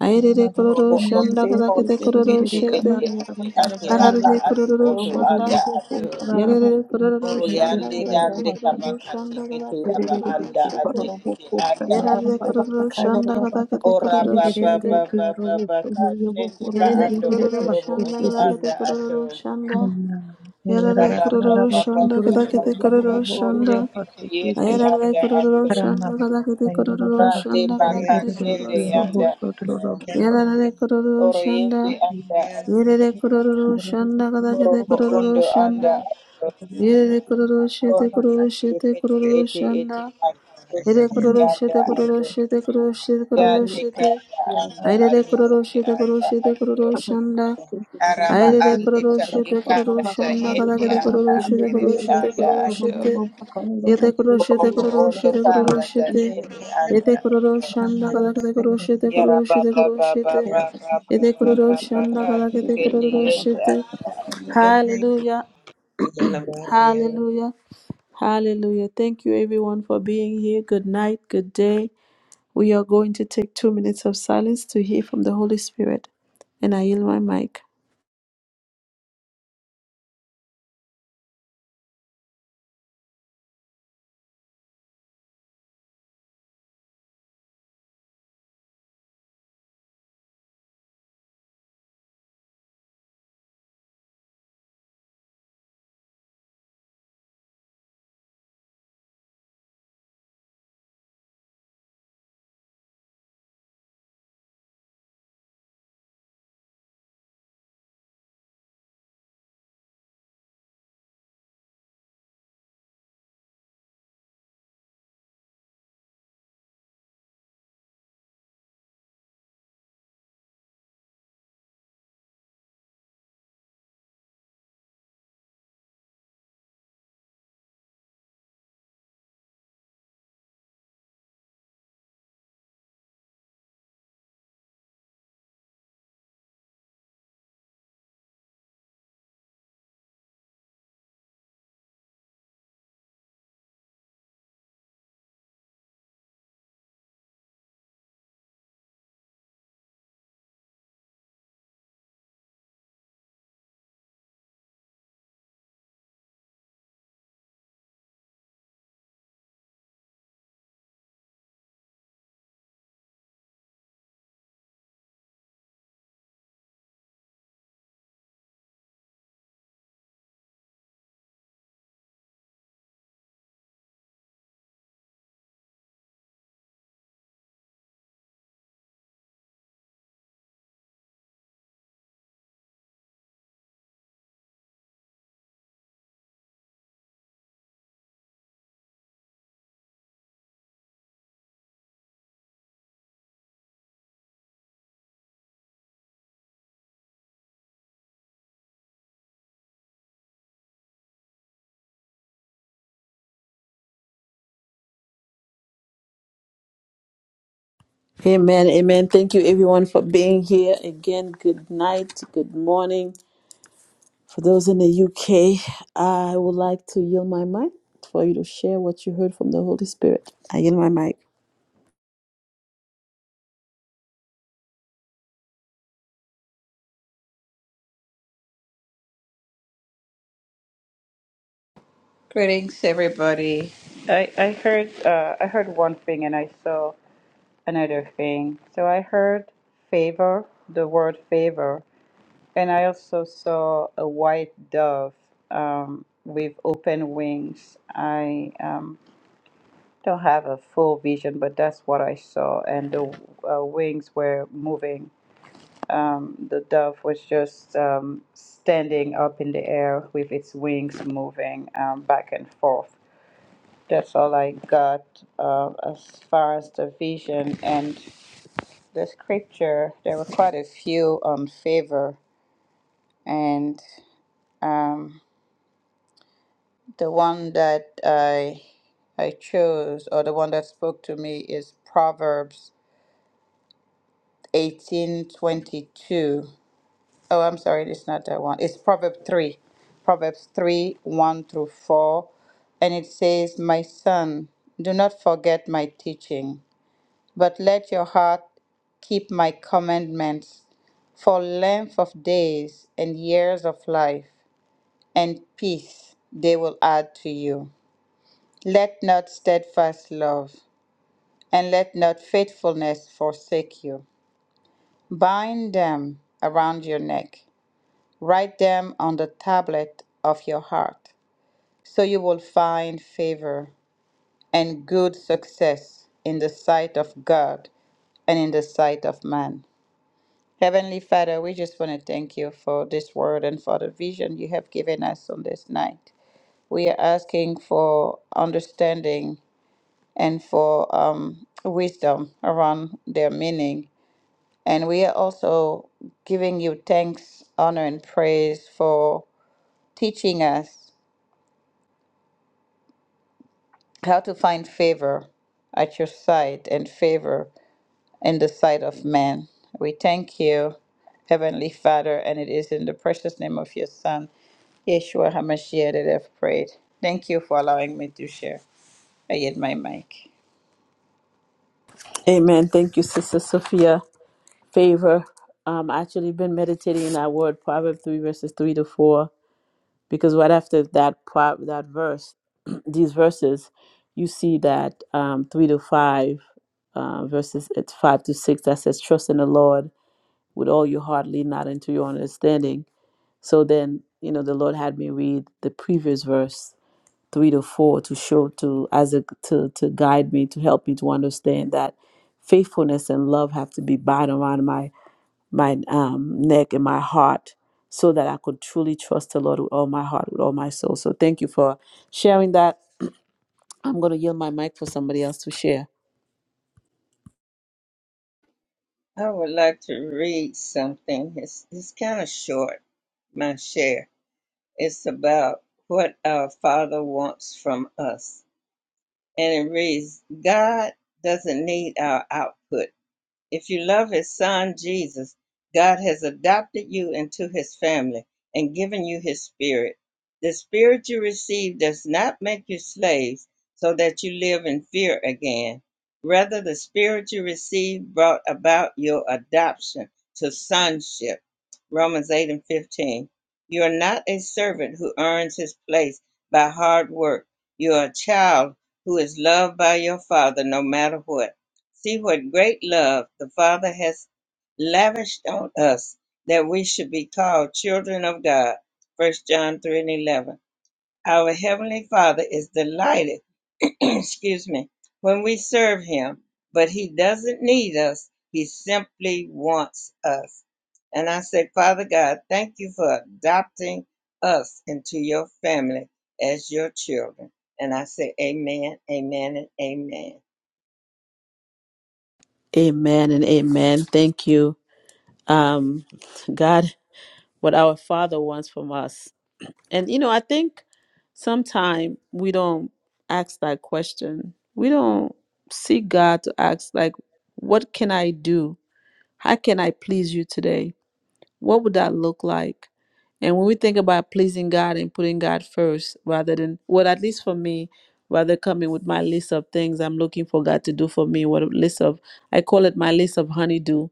S1: Ayrere kororo
S3: Orobo ondo
S1: shanda kada kete
S3: kose
S1: kororo
S3: kete
S1: shete.
S3: ete ate ate aba
S1: Hararere
S3: ato
S1: kururu
S3: oto anda
S1: shanda.
S3: ato.
S1: Yerere kururu
S3: Oro
S1: shanda
S3: yande
S1: gadakete
S3: dande
S1: kururu
S3: kabaka
S1: shanda
S3: tekete
S1: gadakete
S3: aba
S1: kururu
S3: anda
S1: shete.
S3: ate ete anda
S1: Yerere
S3: ato.
S1: kururu shanda gadakete
S3: Ora
S1: kururu
S3: ba ba
S1: shete.
S3: ba ba ba ba ka shende ba
S1: Yerere
S3: ando
S1: kururu
S3: otorobo
S1: shanda
S3: oto
S1: gadakete
S3: anda ato.
S1: kururu shanda.
S3: Ora
S1: Yerere
S3: ba ba
S1: kururu
S3: ba ba
S1: shanda
S3: ba ba
S1: gadakete
S3: ba
S1: kururu
S3: ba ko
S1: shanda.
S3: teke te yende
S1: Ayarare
S3: anda
S1: kururu
S2: Yeah.
S3: ato.
S1: shanda gadakete kururu
S3: Ra de
S1: shanda
S2: I
S3: ba ka
S1: gadakete kururu
S3: shende
S1: shete.
S3: yanda ato.
S1: Yerere kururu
S3: Oro yende
S1: shanda.
S3: anda ato.
S1: Yerere kururu shanda
S3: Oro
S1: gadakete
S3: bo
S1: kururu
S3: ondo anda
S1: shanda.
S3: ato.
S1: Yere kororo shete
S3: Oro
S1: kororo
S3: kete
S1: shete
S3: yukete
S1: kororo
S3: ete ete
S1: shanda.
S3: ba ka to
S1: Yere kororo
S3: yanda
S1: shete kororo
S3: ato.
S1: shete kororo shete
S3: Da
S1: kororo
S3: te
S1: shete.
S3: kanda anda
S1: Ayere
S3: ate
S1: kororo
S3: ete
S1: shete kororo
S3: anda
S1: shete
S3: ato.
S1: kororo shanda.
S3: Araba
S1: Ayere
S3: ande
S1: kororo
S3: ta
S1: shete
S3: yikanda
S1: kororo
S3: ta
S1: shanda
S3: yende
S1: kadakete
S3: anda
S1: kororo shete kororo
S3: aperere
S1: shete
S3: anda
S1: kororo
S3: ato.
S1: shete. Yete kororo shete
S3: Robo
S1: kororo
S3: ondo
S1: shete kororo
S3: kanda
S1: shete.
S3: tayende anda
S1: Yete kororo
S3: ato.
S1: shanda kadakete kororo shete
S3: Yara
S1: kororo shete
S3: baba
S1: kororo shete.
S3: baba baba
S1: Yete
S3: baba
S1: kororo
S3: baba
S1: shanda
S3: kati
S1: kadakete
S3: kete
S1: kororo
S3: yende
S1: shete.
S3: anda ate.
S1: Hallelujah. Hallelujah. Hallelujah. Thank you, everyone, for being here. Good night. Good day. We are going to take two minutes of silence to hear from the Holy Spirit. And I yield my mic. Amen. Amen. Thank you, everyone, for being here. Again, good night. Good morning. For those in the UK, I would like to yield my mic for you to share what you heard from the Holy Spirit. I yield my mic.
S3: Greetings everybody. I, I heard uh, I heard one thing and I saw another thing. So I heard favor, the word favor, and I also saw a white dove um, with open wings. I um, don't have a full vision, but that's what I saw. And the uh, wings were moving. Um, the dove was just um, standing up in the air with its wings moving um, back and forth. That's all I got uh, as far as the vision and the scripture. There were quite a few on favor, and um, the one that I I chose or the one that spoke to me is Proverbs 1822. Oh, I'm sorry, it's not that one. It's Proverbs 3. Proverbs 3, 1 through 4. And it says, My son, do not forget my teaching, but let your heart keep my commandments for length of days and years of life and peace they will add to you. Let not steadfast love and let not faithfulness forsake you. Bind them around your neck Write them on the tablet of your heart, so you will find favor and good success in the sight of God and in the sight of man. Heavenly Father, we just want to thank you for this word and for the vision you have given us on this night. We are asking for understanding and for um, wisdom around their meaning. And we are also giving you thanks, honor, and praise for teaching us how to find favor at your side and favor in the sight of man. We thank you, Heavenly Father, and it is in the precious name of your Son, Yeshua HaMashiach, that I've prayed. Thank you for allowing me to share. I get my mic.
S1: Amen. Thank you, Sister Sophia. Favor. Um, I actually been meditating in that word, Proverbs 3, verses 3 to 4 because right after that part, that verse, (clears throat) these verses, you see that um, three to five uh, verses, it's five to six that says, "Trust in the Lord with all your heart, lean not into your own understanding." So then, you know, the Lord had me read the previous verse three to four to show to as a to to guide me to help me to understand that faithfulness and love have to be bound around my my um, neck and my heart so that I could truly trust the Lord with all my heart, with all my soul. So thank you for sharing that. I'm going to yield my mic for somebody else to share.
S2: would like to read something. It's, it's kind of short, my share. It's about what our Father wants from us. and it reads God doesn't need our output, if you love his son Jesus, God has adopted you into his family and given you his spirit. The spirit you receive does not make you slaves so that you live in fear again. Rather, the spirit you received brought about your adoption to sonship. Romans 8 and 15. You are not a servant who earns his place by hard work. You are a child who is loved by your father no matter what. See what great love the Father has lavished on us that we should be called children of God. First John 3 and 11. Our Heavenly Father is delighted, (clears throat) excuse me, when we serve Him, but He doesn't need us. He simply wants us. And I say, Father God, thank you for adopting us into your family as your children. And I say, Amen, Amen, and Amen.
S1: Amen and amen. Thank you. Um, God, what our Father wants from us. And, you know, I think sometimes we don't ask that question. We don't seek God to ask, like, what can I do? How can I please you today? What would that look like? And when we think about pleasing God and putting God first, rather than, well, at least for me, rather coming with my list of things I'm looking for God to do for me, what a list of, I call it my list of honeydew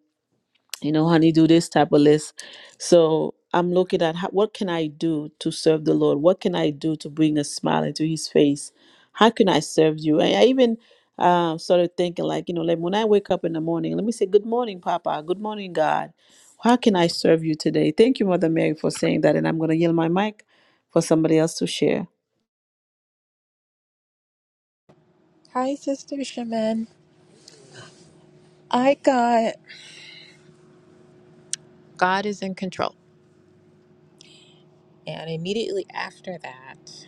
S1: you know, honey, do this type of list. So I'm looking at how, what can I do to serve the Lord? What can I do to bring a smile into His face? How can I serve you? And I even uh, started thinking, like, you know, like when I wake up in the morning, let me say, Good morning, Papa. Good morning, God. How can I serve you today? Thank you, Mother Mary, for saying that. And I'm going to yield my mic for somebody else to share.
S4: Hi, Sister Shaman. I got God is in control. And immediately after that,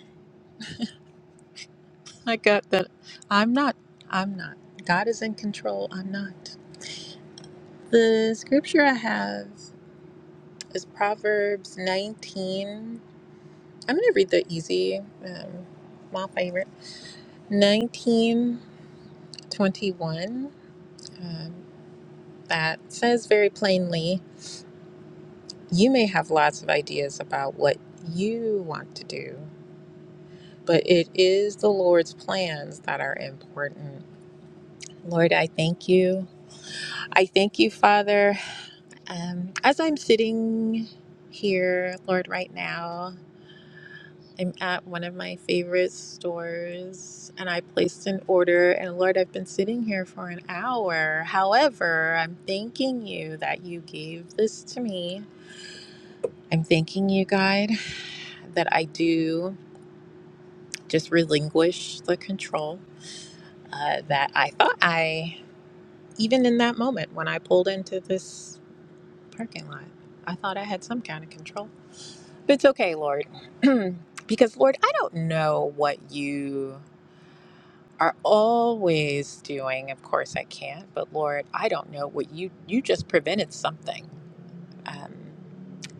S4: I got that I'm not, I'm not. God is in control, I'm not. The scripture I have is Proverbs 19. I'm going to read the easy, um, my favorite. 19:21. Um, that says very plainly, you may have lots of ideas about what you want to do, but it is the Lord's plans that are important. Lord, I thank you. I thank you, Father. Um, as I'm sitting here, Lord, right now, I'm at one of my favorite stores and I placed an order. And Lord, I've been sitting here for an hour. However, I'm thanking you that you gave this to me. I'm thanking you, God, that I do just relinquish the control uh, that I thought I Even in that moment when I pulled into this parking lot, I thought I had some kind of control. But it's okay, Lord. (clears throat) because, Lord, I don't know what you are always doing. Of course, I can't. But, Lord, I don't know what you, you just prevented something. Um,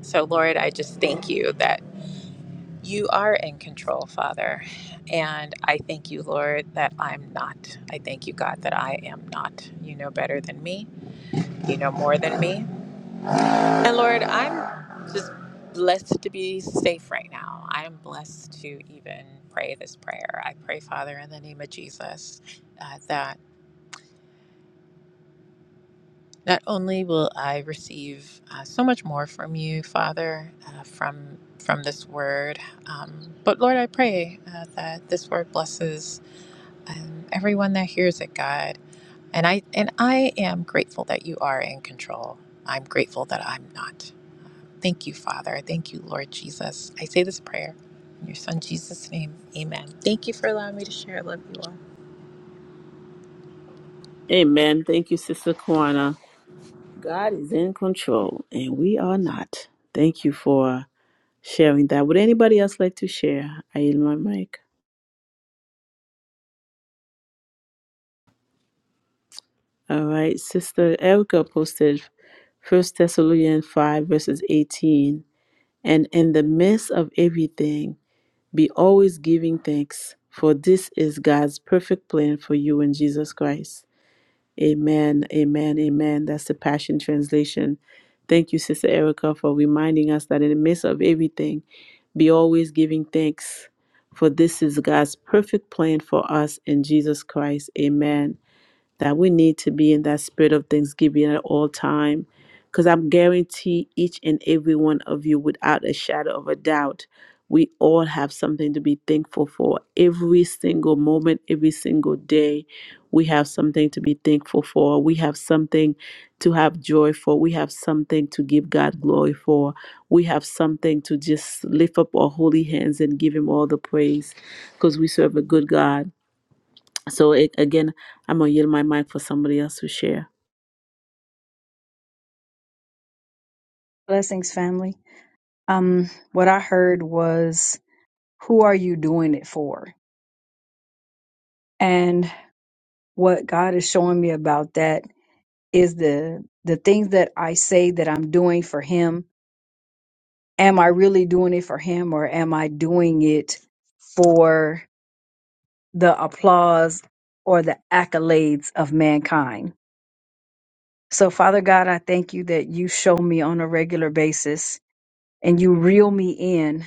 S4: so, Lord, I just thank you that you are in control, Father. And I thank you, Lord, that I'm not. I thank you, God, that I am not. You know better than me. You know more than me. And Lord, I'm just blessed to be safe right now. I am blessed to even pray this prayer. I pray, Father, in the name of Jesus, uh, that not only will I receive uh, so much more from you, Father, uh, from from this word, um, but Lord, I pray uh, that this word blesses um, everyone that hears it, God. And I and I am grateful that you are in control. I'm grateful that I'm not. Thank you, Father. Thank you, Lord Jesus. I say this prayer in your Son Jesus' name. Amen. Thank you for allowing me to share. I love you all.
S1: Amen. Thank you, Sister Kwana. God is in control and we are not. Thank you for sharing that. Would anybody else like to share? I yield my mic. All right. Sister Erica posted First Thessalonians 5, verses 18. And in the midst of everything, be always giving thanks, for this is God's perfect plan for you in Jesus Christ. Amen, amen, amen. That's the Passion Translation. Thank you, Sister Erica, for reminding us that in the midst of everything, be always giving thanks, for this is God's perfect plan for us in Jesus Christ. Amen that we need to be in that spirit of thanksgiving at all time because i'm guarantee each and every one of you without a shadow of a doubt we all have something to be thankful for every single moment every single day we have something to be thankful for we have something to have joy for we have something to give god glory for we have something to just lift up our holy hands and give him all the praise because we serve a good god so a- again, I'm gonna yield my mic for somebody else to share.
S5: Blessings, family. Um, what I heard was, who are you doing it for? And what God is showing me about that is the the things that I say that I'm doing for Him. Am I really doing it for Him, or am I doing it for the applause or the accolades of mankind? So, Father God, I thank you that you show me on a regular basis and you reel me in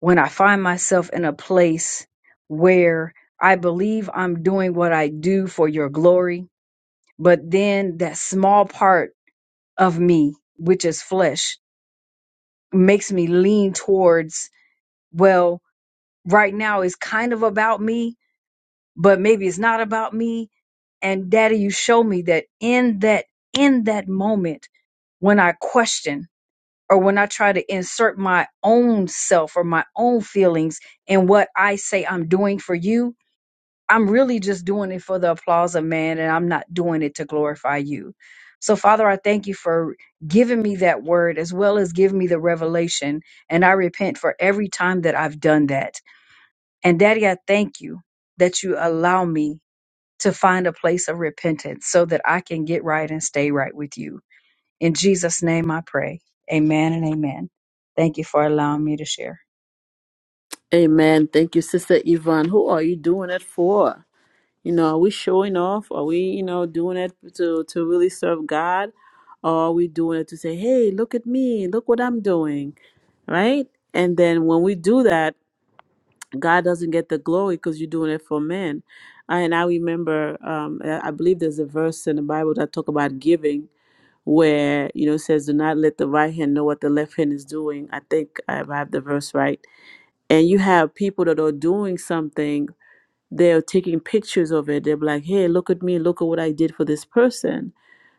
S5: when I find myself in a place where I believe I'm doing what I do for your glory, but then that small part of me, which is flesh, makes me lean towards, well, right now it's kind of about me, but maybe it's not about me. And daddy, you show me that in that, in that moment, when I question or when I try to insert my own self or my own feelings in what I say I'm doing for you, I'm really just doing it for the applause of man and I'm not doing it to glorify you. So, Father, I thank you for giving me that word as well as giving me the revelation. And I repent for every time that I've done that. And Daddy, I thank you that you allow me to find a place of repentance so that I can get right and stay right with you. In Jesus' name I pray. Amen and amen. Thank you for allowing me to share.
S1: Amen. Thank you, Sister Yvonne. Who are you doing it for? You know, are we showing off? Are we, you know, doing it to to really serve God, or are we doing it to say, "Hey, look at me! Look what I'm doing," right? And then when we do that, God doesn't get the glory because you're doing it for men. And I remember, um, I I believe there's a verse in the Bible that talk about giving, where you know it says do not let the right hand know what the left hand is doing i think i have the verse right and you have people that are doing something they're taking pictures of it they're like hey look at me look at what i did for this person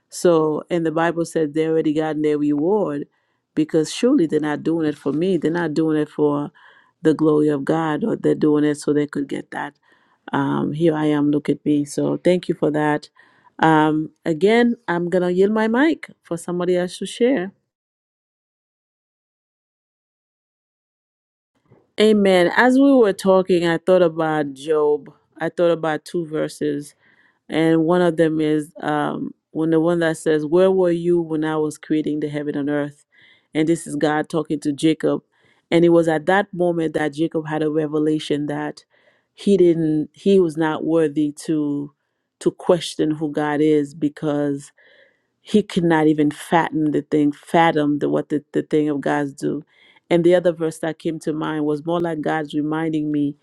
S1: so, and the Bible said they already gotten their reward because surely they're not doing it for me. They're not doing it for the glory of God, or they're doing it so they could get that. Um, here I am, look at me. So, thank you for that. Um, again, I'm going to yield my mic for somebody else to share. Amen. As we were talking, I thought about Job. I thought about two verses and one of them is um, when the one that says, "Where were you when I was creating the heaven and earth?" And this is God talking to Jacob, and it was at that moment that Jacob had a revelation that he didn't, he was not worthy to to question who God is because he could not even fathom the thing, fathom the, what the, the thing of God's do. And the other verse that came to mind was more like God's reminding me,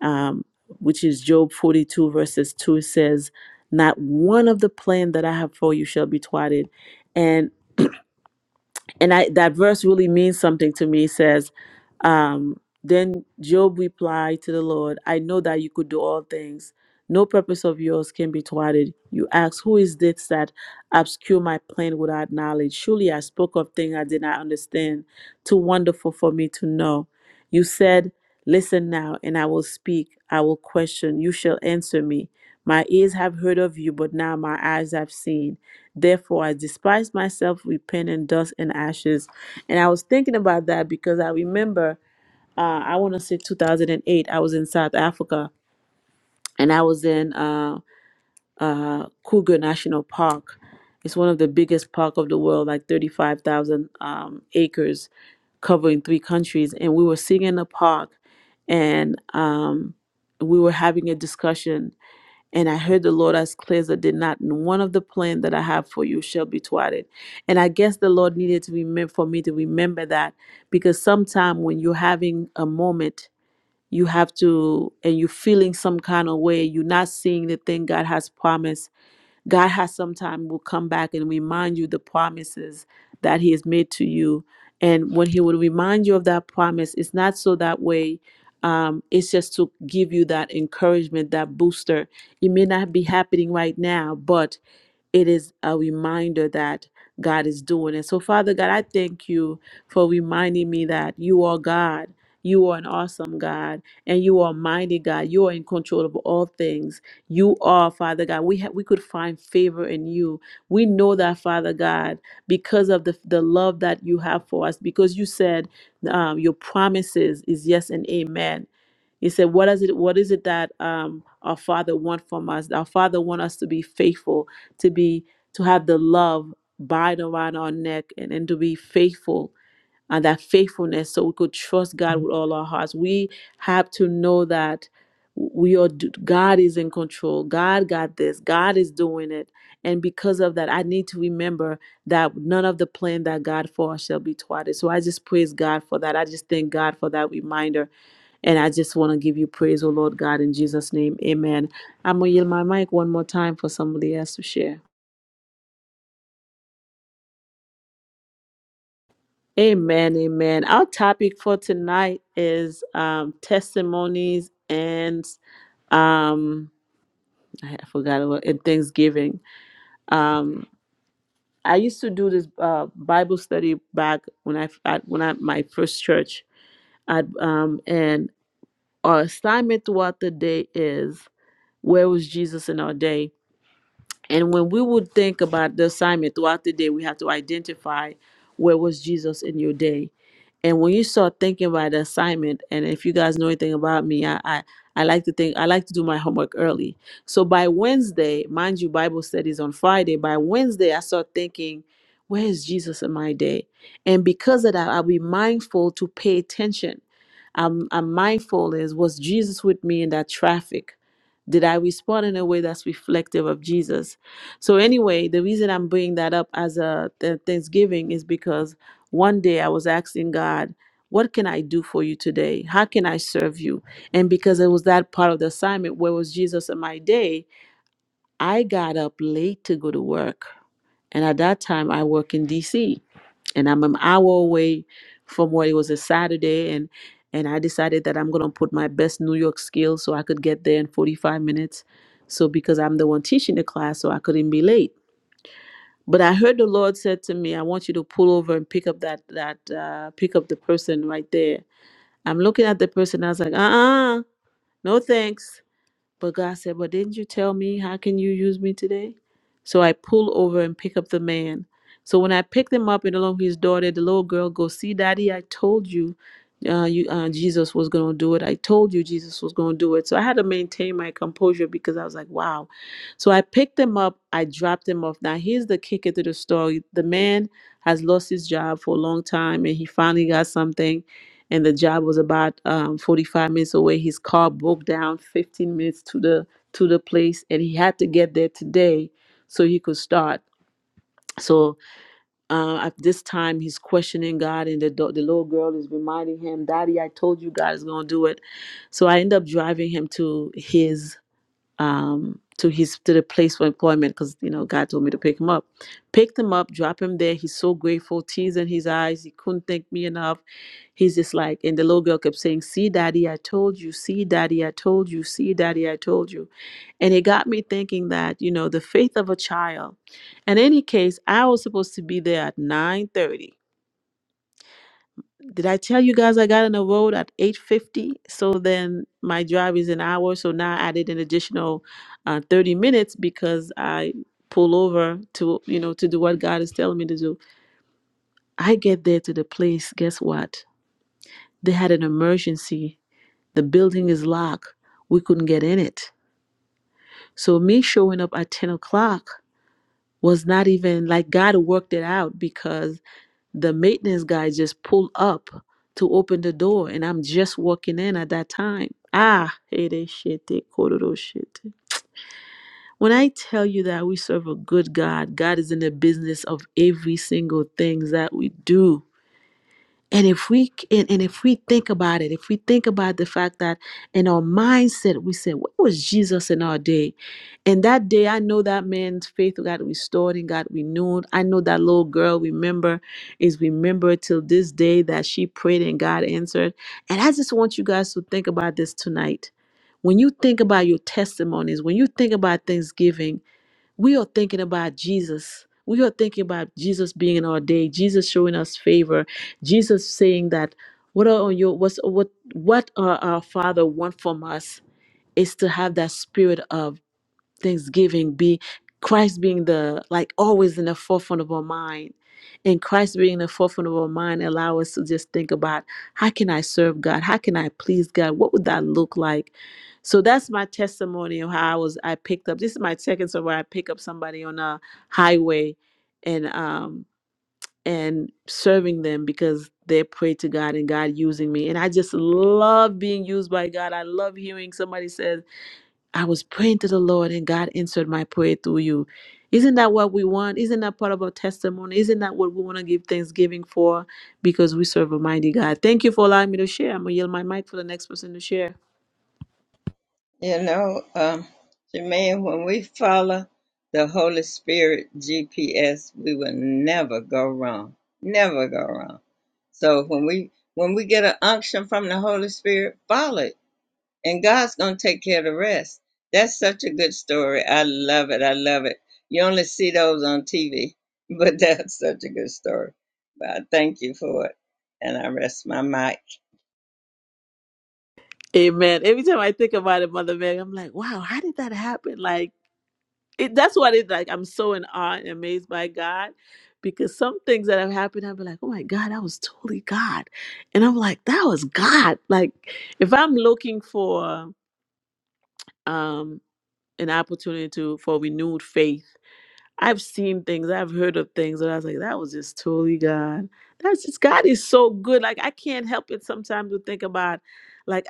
S1: um, which is Job 42, verses 2 It says, Not one of the plan that I have for you shall be thwarted. and and I, that verse really means something to me. It says, um, Then Job replied to the Lord, I know that you could do all things. No purpose of yours can be thwarted. You ask, Who is this that obscure my plan without knowledge? Surely I spoke of things I did not understand, too wonderful for me to know. You said, Listen now, and I will speak. I will question. You shall answer me. My ears have heard of you, but now my eyes have seen. Therefore, I despise myself with pain and dust and ashes. And I was thinking about that because I remember, uh, I want to say 2008, I was in South Africa and I was in uh, uh, Kruger National Park. It's one of the biggest park of the world, like 35,000 um, acres covering three countries. And we were sitting in the park and um, we were having a discussion and I heard the Lord as clear as I did not and one of the plan that I have for you shall be thwarted. And I guess the Lord needed to remember for me to remember that because sometime when you're having a moment, you have to and you're feeling some kind of way, you're not seeing the thing God has promised God has sometime will come back and remind you the promises that He has made to you. And when He will remind you of that promise, it's not so that way. Um, it's just to give you that encouragement, that booster. It may not be happening right now, but it is a reminder that God is doing. it. so, Father God, I thank you for reminding me that you are God. You are an awesome God and you are mighty God. You are in control of all things. You are, Father God. We ha- we could find favor in you. We know that, Father God, because of the, the love that you have for us, because you said um, your promises is yes and amen. He said, "What is it? What is it that um, our Father want from us? Our Father want us to be faithful to be to have the love bind around our neck and, and to be faithful and that faithfulness so we could trust god with all our hearts we have to know that we are d- god is in control god got this god is doing it and because of that i need to remember that none of the plan that god for us shall be thwarted so i just praise god for that i just thank god for that reminder and i just want to give you praise O lord god in jesus name amen i'm gonna yield my mic one more time for somebody else to share Amen, amen. Our topic for tonight is um, testimonies and um, I I forgot about and Thanksgiving. Um, I used to do this uh, Bible study back when I at when I my first church. I'd, um, and our assignment throughout the day is where was Jesus in our day? And when we would think about the assignment throughout the day, we have to identify where was Jesus in your day. And when you start thinking about the assignment, and if you guys know anything about me, I, I I like to think I like to do my homework early. So by Wednesday, mind you, Bible studies on Friday. By Wednesday, I start thinking, where is Jesus in my day? And because of that, I'll be mindful to pay attention. I'm, I'm mindful is was Jesus with me in that traffic? Did I respond in a way that's reflective of Jesus? So anyway, the reason I'm bringing that up as a th- Thanksgiving is because one day I was asking God, "What can I do for you today? How can I serve you?" And because it was that part of the assignment where was Jesus in my day, I got up late to go to work, and at that time I work in D.C. and I'm an hour away from where it was a Saturday and. And I decided that I'm gonna put my best New York skills so I could get there in 45 minutes. So because I'm the one teaching the class, so I couldn't be late but I heard the Lord said to me, "I want you to pull over and pick up that that uh, pick up the person right there." I'm looking at the person. I was like, "Uh, uh no thanks." But God said, But didn't you tell me? How can you use me today? So I pull over and pick up the man. So when I picked him up and along with his daughter, the little girl goes, See, daddy, I told you. Uh, you uh, Jesus was going to do it. I told you Jesus was going to do it. So I had to maintain my composure because I was like, wow. So I picked him up. I dropped him off. Now, here's the kicker to the story the man has lost his job for a long time and he finally got something and the job was about um, 45 minutes away his car broke down 15 minutes to the to the place and he had to get there today so he could start so uh, at this time he's questioning god and the, do- the little girl is reminding him daddy i told you god is going to do it so i end up driving him to his um, to his to the place for employment because you know God told me to pick him up. Picked him up, drop him there. He's so grateful, tears in his eyes. He couldn't thank me enough. He's just like, and the little girl kept saying, "See, daddy, I told you. See, daddy, I told you. See, daddy, I told you." And it got me thinking that you know the faith of a child. In any case, I was supposed to be there at nine thirty. Did I tell you guys I got on the road at 8:50? So then my drive is an hour. So now I added an additional uh, 30 minutes because I pull over to you know to do what God is telling me to do. I get there to the place. Guess what? They had an emergency. The building is locked. We couldn't get in it. So me showing up at 10 o'clock was not even like God worked it out because the maintenance guy just pulled up to open the door and I'm just walking in at that time. Ah, it is shit. they call it all shit. When I tell you that we serve a good God, God is in the business of every single thing that we do. And if we and, and if we think about it, if we think about the fact that in our mindset we say, "What was Jesus in our day?" And that day, I know that man's faith got restored and got renewed. I know that little girl. Remember, is remembered till this day that she prayed and God answered. And I just want you guys to think about this tonight. When you think about your testimonies, when you think about Thanksgiving, we are thinking about Jesus. We are thinking about Jesus being in our day, Jesus showing us favor, Jesus saying that what are your what's, what what our, our Father want from us is to have that spirit of thanksgiving be christ being the like always in the forefront of our mind and christ being in the forefront of our mind allow us to just think about how can i serve god how can i please god what would that look like so that's my testimony of how i was i picked up this is my second story where i pick up somebody on a highway and um and serving them because they prayed to god and god using me and i just love being used by god i love hearing somebody says I was praying to the Lord and God answered my prayer through you. Isn't that what we want? Isn't that part of our testimony? Isn't that what we want to give thanksgiving for? Because we serve a mighty God. Thank you for allowing me to share. I'm going to yield my mic for the next person to share.
S2: You know, um, Jermaine, when we follow the Holy Spirit GPS, we will never go wrong. Never go wrong. So when we when we get an unction from the Holy Spirit, follow it, and God's gonna take care of the rest. That's such a good story. I love it. I love it. You only see those on TV, but (laughs) that's such a good story. But I thank you for it, and I rest my mic.
S1: Amen. Every time I think about it, Mother Mary, I'm like, wow, how did that happen? Like, it, that's what it's like. I'm so in awe and amazed by God because some things that have happened, I'll be like, oh my God, that was totally God. And I'm like, that was God. Like, if I'm looking for. um an opportunity to for renewed faith. I've seen things, I've heard of things, and I was like, that was just totally God. That's just God is so good. Like I can't help it sometimes to think about like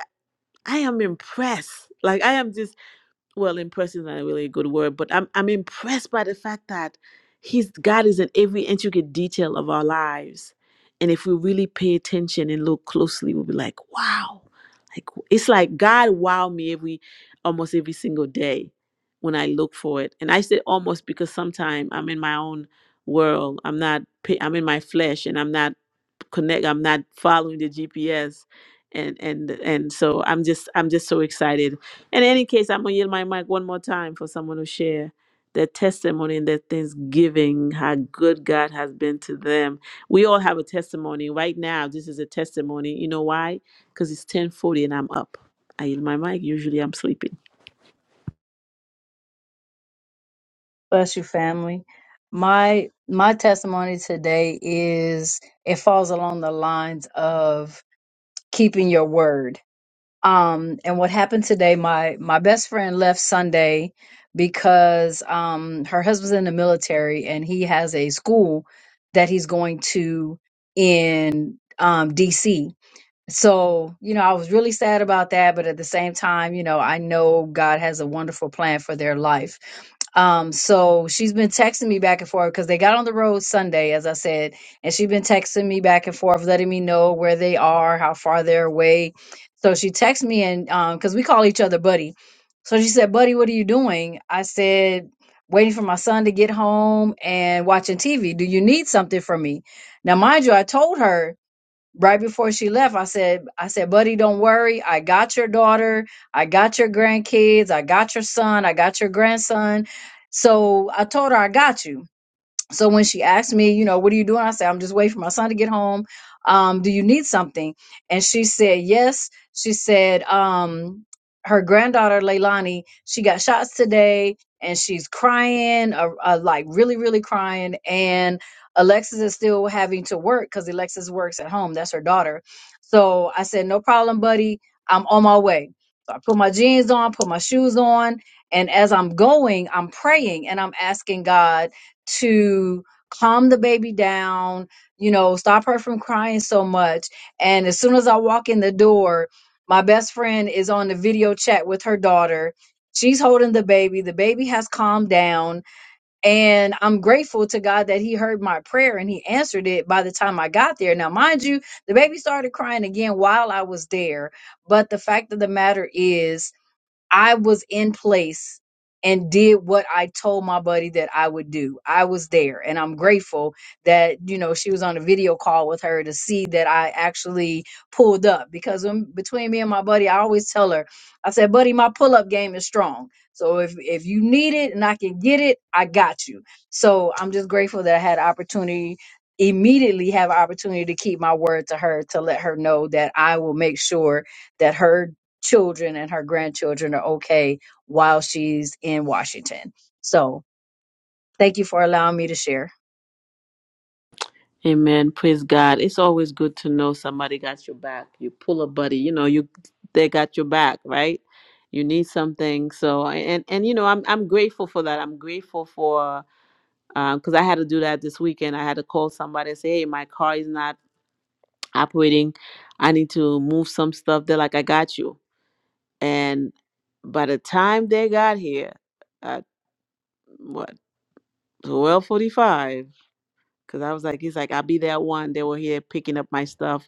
S1: I am impressed. Like I am just well, impressed is not a really good word, but I'm I'm impressed by the fact that he's God is in every intricate detail of our lives. And if we really pay attention and look closely, we'll be like, wow. Like it's like God wow me every almost every single day when I look for it. And I say almost because sometimes I'm in my own world. I'm not pay, I'm in my flesh and I'm not connect I'm not following the GPS. And and and so I'm just I'm just so excited in any case, I'm going to yield my mic one more time for someone to share their testimony and their thanksgiving, how good God has been to them. We all have a testimony. Right now, this is a testimony. You know why? Because it's 1040 and I'm up. I yield my mic. Usually I'm sleeping.
S5: Bless you, family. My my testimony today is it falls along the lines of keeping your word. Um, and what happened today, my my best friend left Sunday because um her husband's in the military and he has a school that he's going to in um DC So, you know, I was really sad about that, but at the same time, you know, I know God has a wonderful plan for their life. Um, so she's been texting me back and forth because they got on the road Sunday, as I said, and she's been texting me back and forth, letting me know where they are, how far they're away. So she texted me and um, because we call each other buddy. So she said, Buddy, what are you doing? I said, waiting for my son to get home and watching TV. Do you need something from me? Now, mind you, I told her right before she left, I said, I said, buddy, don't worry. I got your daughter. I got your grandkids. I got your son. I got your grandson. So I told her, I got you. So when she asked me, you know, what are you doing? I said, I'm just waiting for my son to get home. Um, do you need something? And she said, yes. She said, um, her granddaughter Leilani, she got shots today and she's crying, uh, uh, like really, really crying. And Alexis is still having to work because Alexis works at home. That's her daughter. So I said, no problem, buddy. I'm on my way. So I put my jeans on, put my shoes on. And as I'm going, I'm praying and I'm asking God to calm the baby down, you know, stop her from crying so much. And as soon as I walk in the door, my best friend is on the video chat with her daughter. She's holding the baby. The baby has calmed down. And I'm grateful to God that He heard my prayer and He answered it by the time I got there. Now, mind you, the baby started crying again while I was there. But the fact of the matter is, I was in place and did what I told my buddy that I would do. I was there and I'm grateful that you know she was on a video call with her to see that I actually pulled up because when, between me and my buddy I always tell her I said buddy my pull-up game is strong. So if if you need it and I can get it, I got you. So I'm just grateful that I had opportunity immediately have opportunity to keep my word to her to let her know that I will make sure that her children and her grandchildren are okay while she's in Washington. So thank you for allowing me to share.
S1: Amen. Praise God. It's always good to know somebody got your back. You pull a buddy, you know, you they got your back, right? You need something. So and and you know, I'm I'm grateful for that. I'm grateful for because I had to do that this weekend. I had to call somebody and say, "Hey, my car is not operating. I need to move some stuff." They're like, "I got you." And by the time they got here, at what twelve forty-five, because I was like, "He's like, I'll be there at one." They were here picking up my stuff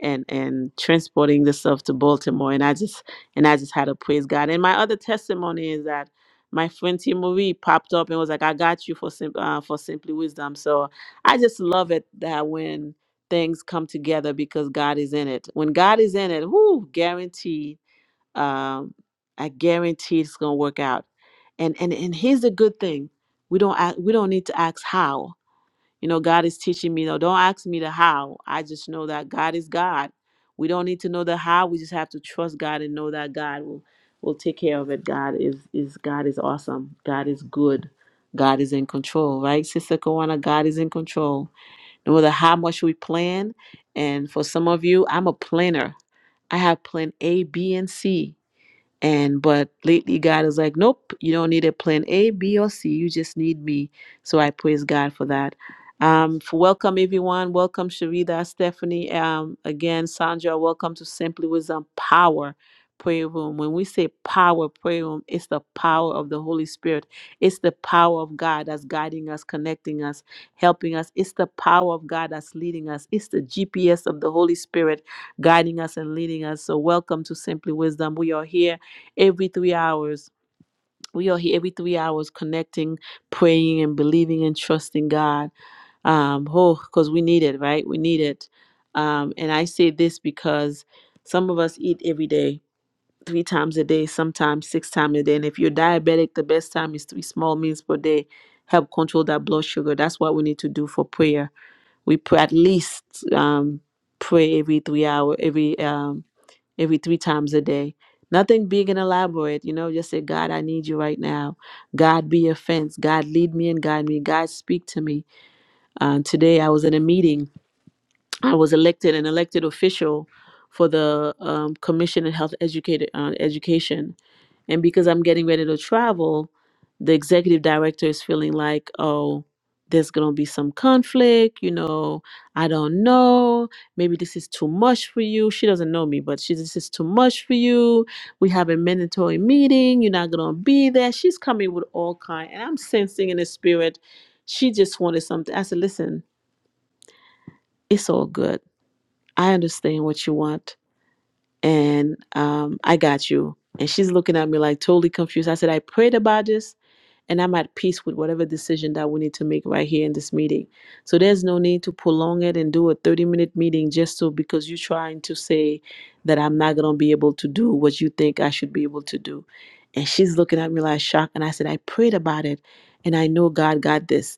S1: and and transporting the stuff to Baltimore and I just and I just had to praise God. And my other testimony is that my friend T. Marie popped up and was like, "I got you for sim- uh, for simply wisdom." So I just love it that when things come together because God is in it. When God is in it, whoo, guaranteed, um, I guarantee it's gonna work out. And and and here's the good thing: we don't a- we don't need to ask how you know, God is teaching me, though. Don't ask me the how. I just know that God is God. We don't need to know the how. We just have to trust God and know that God will, will take care of it. God is is God is awesome. God is good. God is in control, right? Sister Kawana, God is in control. No matter how much we plan, and for some of you, I'm a planner. I have plan A, B, and C and but lately, God is like, nope, you don't need a plan A, B, or C. You just need me. So I praise God for that. Um, for welcome everyone. Welcome Sharida, Stephanie. Um, again, Sandra. Welcome to Simply Wisdom Power Prayer Room. When we say Power Prayer Room, it's the power of the Holy Spirit. It's the power of God that's guiding us, connecting us, helping us. It's the power of God that's leading us. It's the GPS of the Holy Spirit guiding us and leading us. So welcome to Simply Wisdom. We are here every three hours. We are here every three hours connecting, praying, and believing and trusting God. Um, oh, because we need it, right? We need it. Um, and I say this because some of us eat every day, three times a day, sometimes six times a day. And if you're diabetic, the best time is three small meals per day. Help control that blood sugar. That's what we need to do for prayer. We pray at least um, pray every three hour, every um, every three times a day. Nothing big and elaborate, you know, just say, God, I need you right now. God, be your fence. God, lead me and guide me. God, speak to me. Uh, today, I was in a meeting. I was elected an elected official for the um, Commission on Health Educated, uh, Education and because I'm getting ready to travel, the executive director is feeling like, oh, there's going to be some conflict. You know, I don't know. Maybe this is too much for you. She doesn't know me, but she, this is too much for you. We have a mandatory meeting. You're not going to be there. She's coming with all kind. And I'm sensing in the spirit, she just wanted something. I said, listen, it's all good. I understand what you want. And um, I got you. And she's looking at me like totally confused. I said, I prayed about this and I'm at peace with whatever decision that we need to make right here in this meeting. So there's no need to prolong it and do a 30 minute meeting just so because you're trying to say that I'm not going to be able to do what you think I should be able to do. And she's looking at me like shocked. And I said, I prayed about it and I know God got this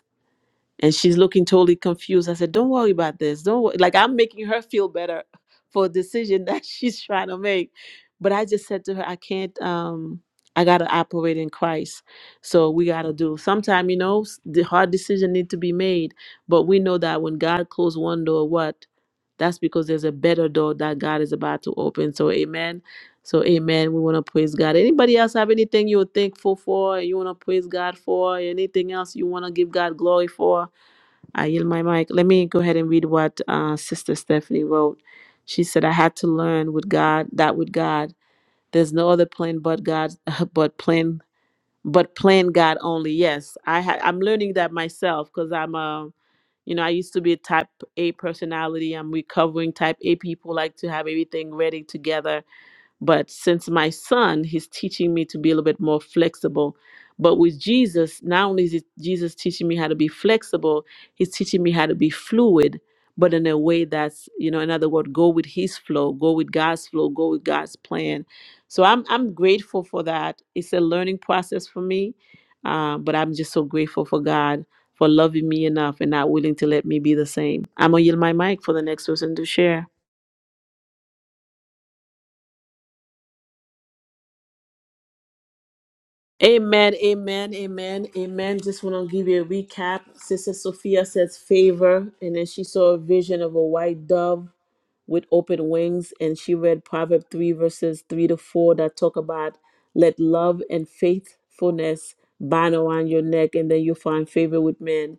S1: and she's looking totally confused. I said, "Don't worry about this. Don't worry. like I'm making her feel better (laughs) for a decision (laughs) that she's trying to make." But I just said to her, "I can't. Um, I gotta operate in Christ. So we gotta do. Sometime, you know, s- the hard decision need to be made. But we know that when God closed one door, what? That's because there's a better door that God is about to open. So, Amen. So, Amen. We want to praise God. Anybody else have anything you're thankful for? You want to praise God for? Anything else you want to give God glory for? I yield my mic. Let me go ahead and read what uh, Sister Stephanie wrote. She said, "I had to learn with God that with God, there's no other plan but God, (laughs) but plan, but plan God only." Yes, I ha- I'm learning that myself because I'm a, you know, I used to be a Type A personality. I'm recovering Type A people like to have everything ready together but since my son, he's teaching me to be a little bit more flexible. But with Jesus, not only is it Jesus teaching me how to be flexible, he's teaching me how to be fluid, but in a way that's, you know, in other words, go with his flow, go with God's flow, go with God's plan. So I'm I'm grateful for that. It's a learning process for me. Uh, but I'm just so grateful for God for loving me enough and not willing to let me be the same. I'm gonna yield my mic for the next person to share. Amen, amen, amen, amen. Just want to give you a recap. Sister Sophia says favor, and then she saw a vision of a white dove with open wings, and she read Proverbs 3, verses 3 to 4 that talk about let love and faithfulness bind around your neck, and then you'll find favor with men.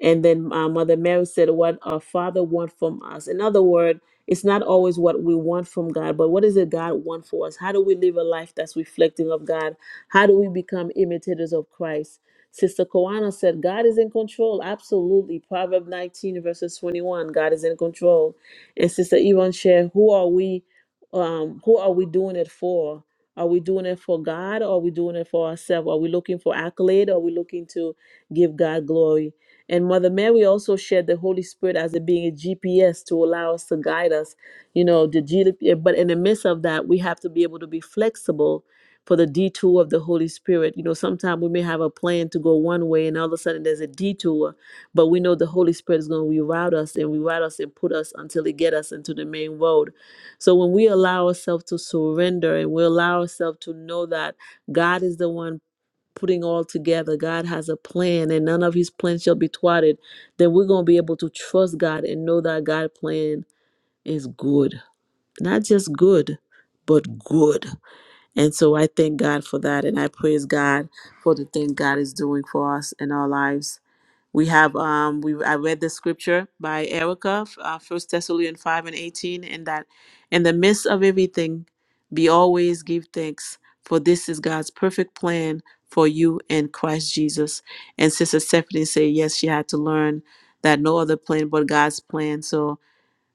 S1: And then uh, Mother Mary said, What our Father wants from us. In other words, it's not always what we want from God, but what is it God want for us? How do we live a life that's reflecting of God? How do we become imitators of Christ? Sister Koana said, God is in control. Absolutely. Proverbs 19, verses 21, God is in control. And Sister Yvonne shared, Who are we? Um, who are we doing it for? Are we doing it for God or are we doing it for ourselves? Are we looking for accolade? Or are we looking to give God glory? And Mother Mary also shared the Holy Spirit as it being a GPS to allow us to guide us. You know, the G, eh, but in the midst of that, we have to be able to be flexible for the detour of the Holy Spirit. You know, sometimes we may have a plan to go one way and all of a sudden there's a detour, but we know the Holy Spirit is going to reroute us and reroute us and put us until it get us into the main road. So when we allow ourselves to surrender and we allow ourselves to know that God is the one putting all together. God has a plan, and none of His plans shall be thwarted. Then we're gonna be able to trust God and know that God's plan is good, not just good, but good. And so I thank God for that, and I praise God for the thing God is doing for us in our lives. We have um we I read the scripture by Erica, uh, First Thessalonians five and eighteen, and that in the midst of everything, be always give thanks, for this is God's perfect plan for you in Christ Jesus. And Sister Stephanie say yes, she had to learn that no other plan but God's plan. So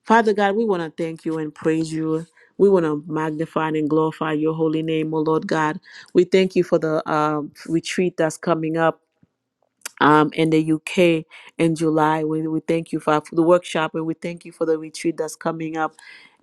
S1: Father God, we want to thank you and praise you. We want to magnify and glorify your holy name, O Lord God. We thank you for the um retreat that's coming up um, in the UK in July. We, we thank you for, for the workshop and we thank you for the retreat that's coming up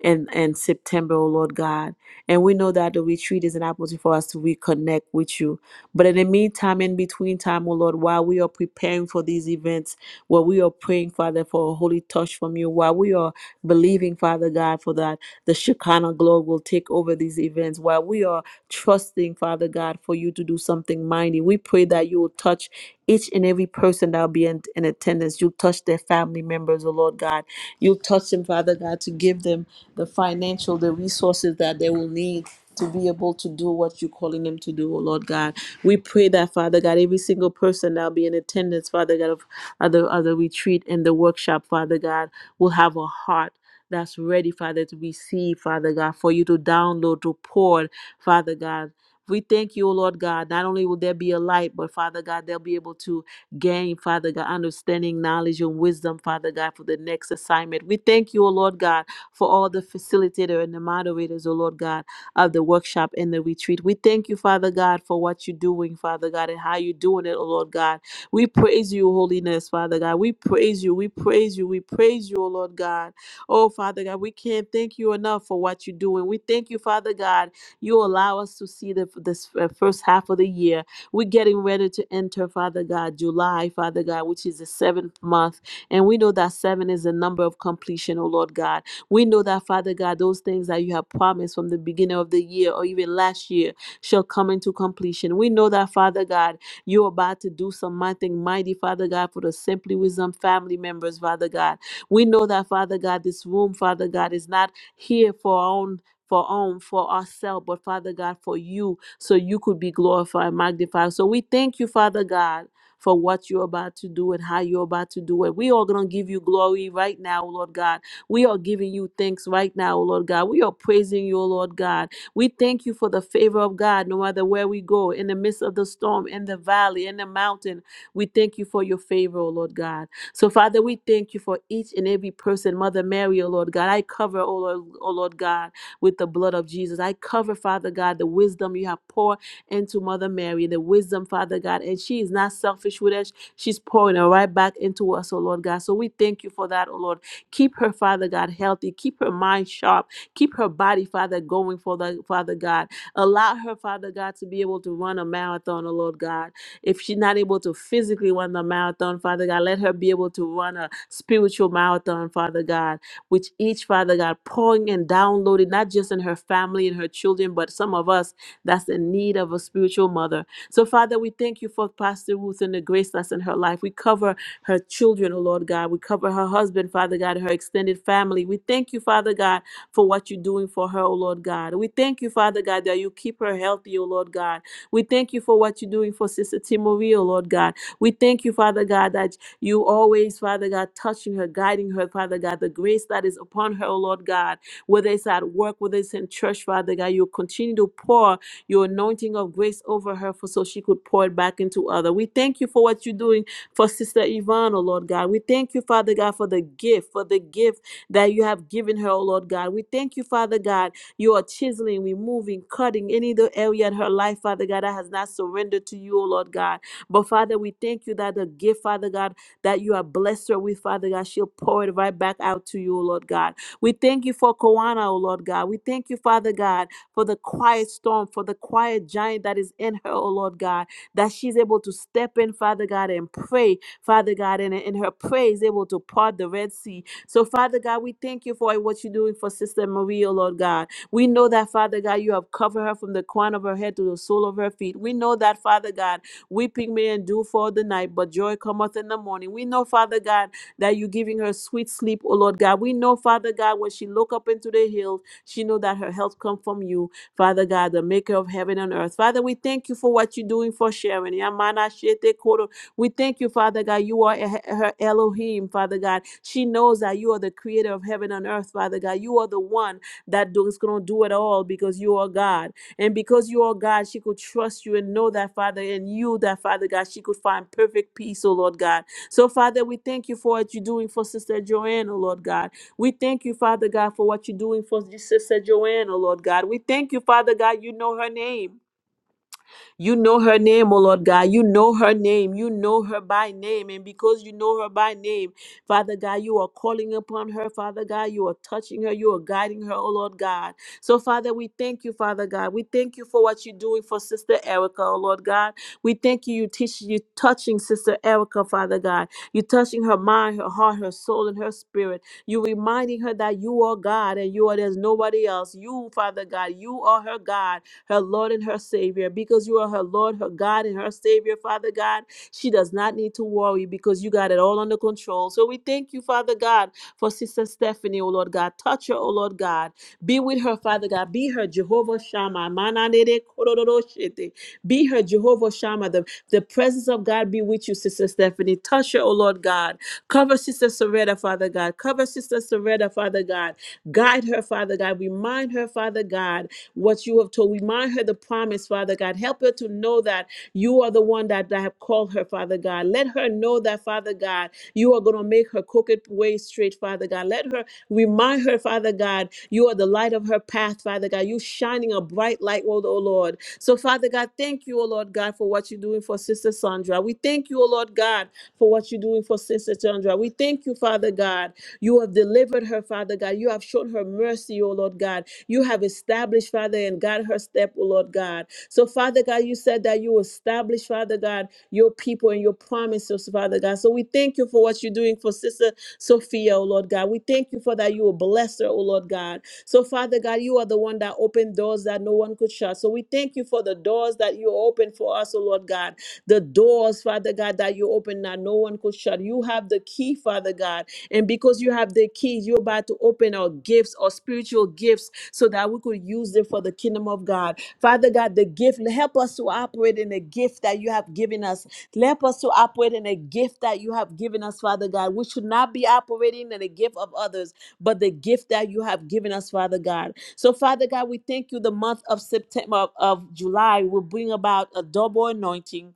S1: in, in September, oh Lord God. And we know that the retreat is an opportunity for us to reconnect with you. But in the meantime, in between time, oh Lord, while we are preparing for these events, while we are praying, Father, for a holy touch from you, while we are believing, Father God, for that the Shekinah glory will take over these events, while we are trusting, Father God, for you to do something mighty. We pray that you will touch each and every person that will be in, in attendance. You'll touch their family members, oh Lord God. You'll touch them, Father God, to give them the financial, the resources that they will need to be able to do what you're calling them to do, oh Lord God. We pray that, Father God, every single person that'll be in attendance, Father God, of, of, the, of the retreat and the workshop, Father God, will have a heart that's ready, Father, to receive, Father God, for you to download, to pour. Father God. We thank you, O Lord God. Not only will there be a light, but Father God, they'll be able to gain, Father God, understanding, knowledge, and wisdom, Father God, for the next assignment. We thank you, O Lord God, for all the facilitator and the moderators, O Lord God, of the workshop and the retreat. We thank you, Father God, for what you're doing, Father God, and how you're doing it, O Lord God. We praise you, holiness, Father God. We praise you. We praise you. We praise you, O Lord God. Oh, Father God, we can't thank you enough for what you're doing. We thank you, Father God, you allow us to see the, this uh, first half of the year. We're getting ready to enter, Father God, July, Father God, which is the seventh month. And we know that seven is the number of completion, oh Lord God. We know that, Father God, those things that you have promised from the beginning of the year or even last year shall come into completion. We know that, Father God, you're about to do something mighty, Father God, for the Simply Wisdom family members, Father God. We know that, Father God, this room, Father God, is not here for our own for own, for ourselves, but Father God, for you, so you could be glorified and magnified. So we thank you, Father God, for what you're about to do and how you're about to do it. We are going to give you glory right now, Lord God. We are giving you thanks right now, Lord God. We are praising you, Lord God. We thank you for the favor of God, no matter where we go, in the midst of the storm, in the valley, in the mountain. We thank you for your favor, oh Lord God. So, Father, we thank you for each and every person, Mother Mary, oh Lord God. I cover, oh Lord, oh Lord God with the blood of Jesus. I cover, Father God, the wisdom you have poured into Mother Mary, the wisdom, Father God, and she is not selfish with us. She's pouring it right back into us, oh Lord God. So we thank you for that, oh Lord. Keep her, Father God, healthy. Keep her mind sharp. Keep her body, Father, going for the Father God. Allow her, Father God, to be able to run a marathon, oh Lord God. If she's not able to physically run the marathon, Father God, let her be able to run a spiritual marathon, Father God which each Father God pouring and downloading, not just in her family and her children, but some of us that's in need of a spiritual mother. So, Father, we thank you for Pastor Ruth and the grace that's in her life. We cover her children, oh Lord God. We cover her husband, Father God, and her extended family. We thank you, Father God, for what you're doing for her, oh Lord God. We thank you, Father God, that you keep her healthy, oh Lord God. We thank you for what you're doing for Sister Timory, oh Lord God. We thank you, Father God, that you always, Father God, touching her, guiding her, Father God, the grace that is upon her, oh Lord God, whether it's at work, whether it's in church, Father God, you continue to pour your anointing of grace over her for so she could pour it back into other. We thank you for what you're doing for Sister Yvonne, oh Lord God. We thank you, Father God, for the gift, for the gift that you have given her, oh Lord God. We thank you, Father God, you are chiseling, removing, cutting any other area in her life, Father God, that has not surrendered to you, oh Lord God. But Father, we thank you that the gift, Father God, that you have blessed her with, Father God. She'll pour it right back out to you, O Lord God. We thank you for Koana, O Lord God. We thank you, Father God, for the quiet storm, for the quiet giant that is in her, O Lord God, that she's able to step in, Father God, and pray, Father God, and in her praise able to part the Red Sea. So, Father God, we thank you for what you're doing for Sister Maria, O Lord God. We know that, Father God, you have covered her from the crown of her head to the sole of her feet. We know that, Father God, Weeping may endure for the night, but joy cometh in the morning. We know, Father God, that you're giving her sweet sleep, oh Lord God. We know, Father God, when she look up into the hills, she know that her help come from you, Father God, the maker of heaven and earth. Father, we thank you for what you're doing for Sharon. Yamana shete koro. We thank you, Father God. You are eh- her Elohim, Father God. She knows that you are the creator of heaven and earth, Father God. You are the one that do- is going to do it all because you are God. And because you are God, she could trust you and know that, Father, and you, that, Father God, she could find perfect peace, oh Lord God. So, Father, we thank you for what you're doing for Sister Joanne, oh Lord God. We thank you, Father God, for what you're doing for Sister Joanne, oh Lord God. We thank you, Father God, you know her name. You know her name, O Lord God. You know her name. You know her by name. And because you know her by name, Father God, you are calling upon her, Father God. You are touching her. You are guiding her, O Lord God. So, Father, we thank you, Father God. We thank you for what you're doing for Sister Erica, O Lord God. We thank you. You teach you touching Sister Erica, Father God. You're touching her mind, her heart, her soul, and her spirit. You're reminding her that you are God and you are there's nobody else. You, Father God, you are her God her Lord and her Savior. Because you are her Lord, her God, and her Savior, Father God, she does not need to worry because you got it all under control. So we thank you, Father God, for Sister Stephanie, oh Lord God. Touch her, oh Lord God. Be with her, Father God. Be her Jehovah Shammah. Mananere kororoshete. Be her Jehovah Shammah. The, the presence of God be with you, Sister Stephanie. Touch her, oh Lord God. Cover Sister Soretta, Father God. Cover Sister Soretta, Father God. Guide her, Father God. Remind her, Father God what you have told. Remind her the promise, Father God. Help her to know that you are the one that, that have called her, Father God. Let her know that, Father God, you are going to make her crooked way straight, Father God. Let her remind her, Father God, you are the light of her path, Father God. You shining a bright light, oh oh Lord. So, Father God, thank you, oh Lord God, for what you're doing for Sister Sandra. We thank you, oh Lord God, for what you're doing for Sister Sandra. We thank you, Father God. You have delivered her, Father God. You have shown her mercy, O Lord God. You have established, Father, and God her step, O Lord God. So, Father God, you said that you establish, Father God, your people and your promises, Father God. So we thank you for what you're doing for Sister Sophia, O Lord God. We thank you for that you will bless her, O Lord God. So, Father God, you are the one that opened doors that no one could shut. So we thank you for the doors that you open for us, O Lord God. The doors, Father God, that you open that no one could shut. You have the key, Father God. And because you have the keys, you're about to open our gifts, our spiritual gifts, so that we could use them for the kingdom of God. Father God, the gift, help us to operate in the gift that you have given us. Help us to operate in a gift that you have given us, Father God. We should not be operating in the gift of others, but the gift that you have given us, Father God. So, Father God, we thank you the month of September of July will bring about a double anointing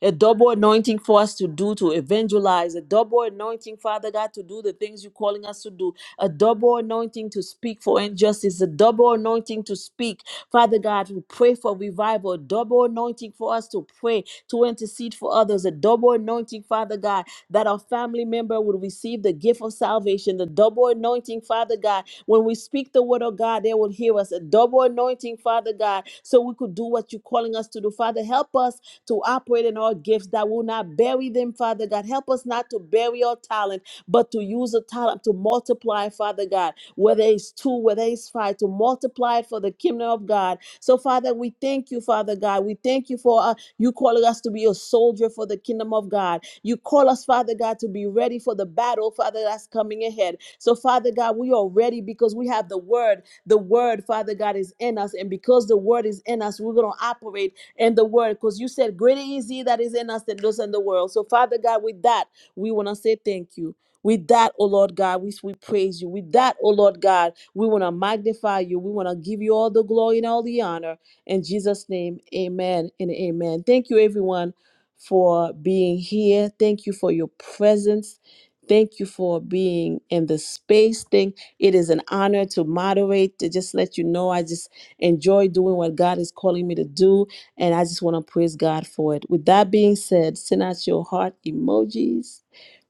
S1: a double anointing for us to do to evangelize, a double anointing, Father God, to do the things you're calling us to do, a double anointing to speak for injustice, a double anointing to speak, Father God, we pray for revival, a double anointing for us to pray, to intercede for others, a double anointing, Father God, that our family member will receive the gift of salvation, the double anointing, Father God. When we speak the word of God, they will hear us, a double anointing, Father God, so we could do what you're calling us to do. Father, help us to operate in our gifts that will not bury them, Father God. Help us not to bury our talent, but to use the talent to multiply, Father God, whether it's two, whether it's five, to multiply it for the kingdom of God. So, Father, we thank you, Father God. We thank you for uh, you calling us to be a soldier for the kingdom of God. You call us, Father God, to be ready for the battle, Father, that's coming ahead. So, Father God, we are ready because we have the word. The word, Father God, is in us. And because the word is in us, we're going to operate and the word because you said greater is he that is in us than those in the world so father god with that we want to say thank you with that, oh Lord God, we, we praise you. With that, oh Lord God, we want to magnify you. We want to give you all the glory and all the honor. In Jesus' name, amen and amen. Thank you, everyone, for being here. Thank you for your presence. Thank you for being in the space thing. It is an honor to moderate, to just let you know I just enjoy doing what God is calling me to do. And I just want to praise God for it. With that being said, send out your heart emojis.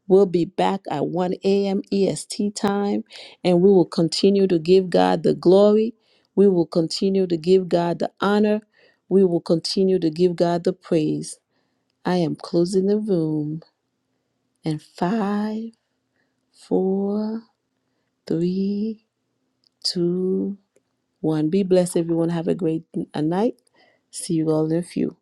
S1: We'll be back at 1 a.m. EST time, and we will continue to give God the glory. We will continue to give God the honor. We will continue to give God the praise. I am closing the room and five, four, three, two, one. Be blessed, everyone. Have a great n- a night. See you all in a few.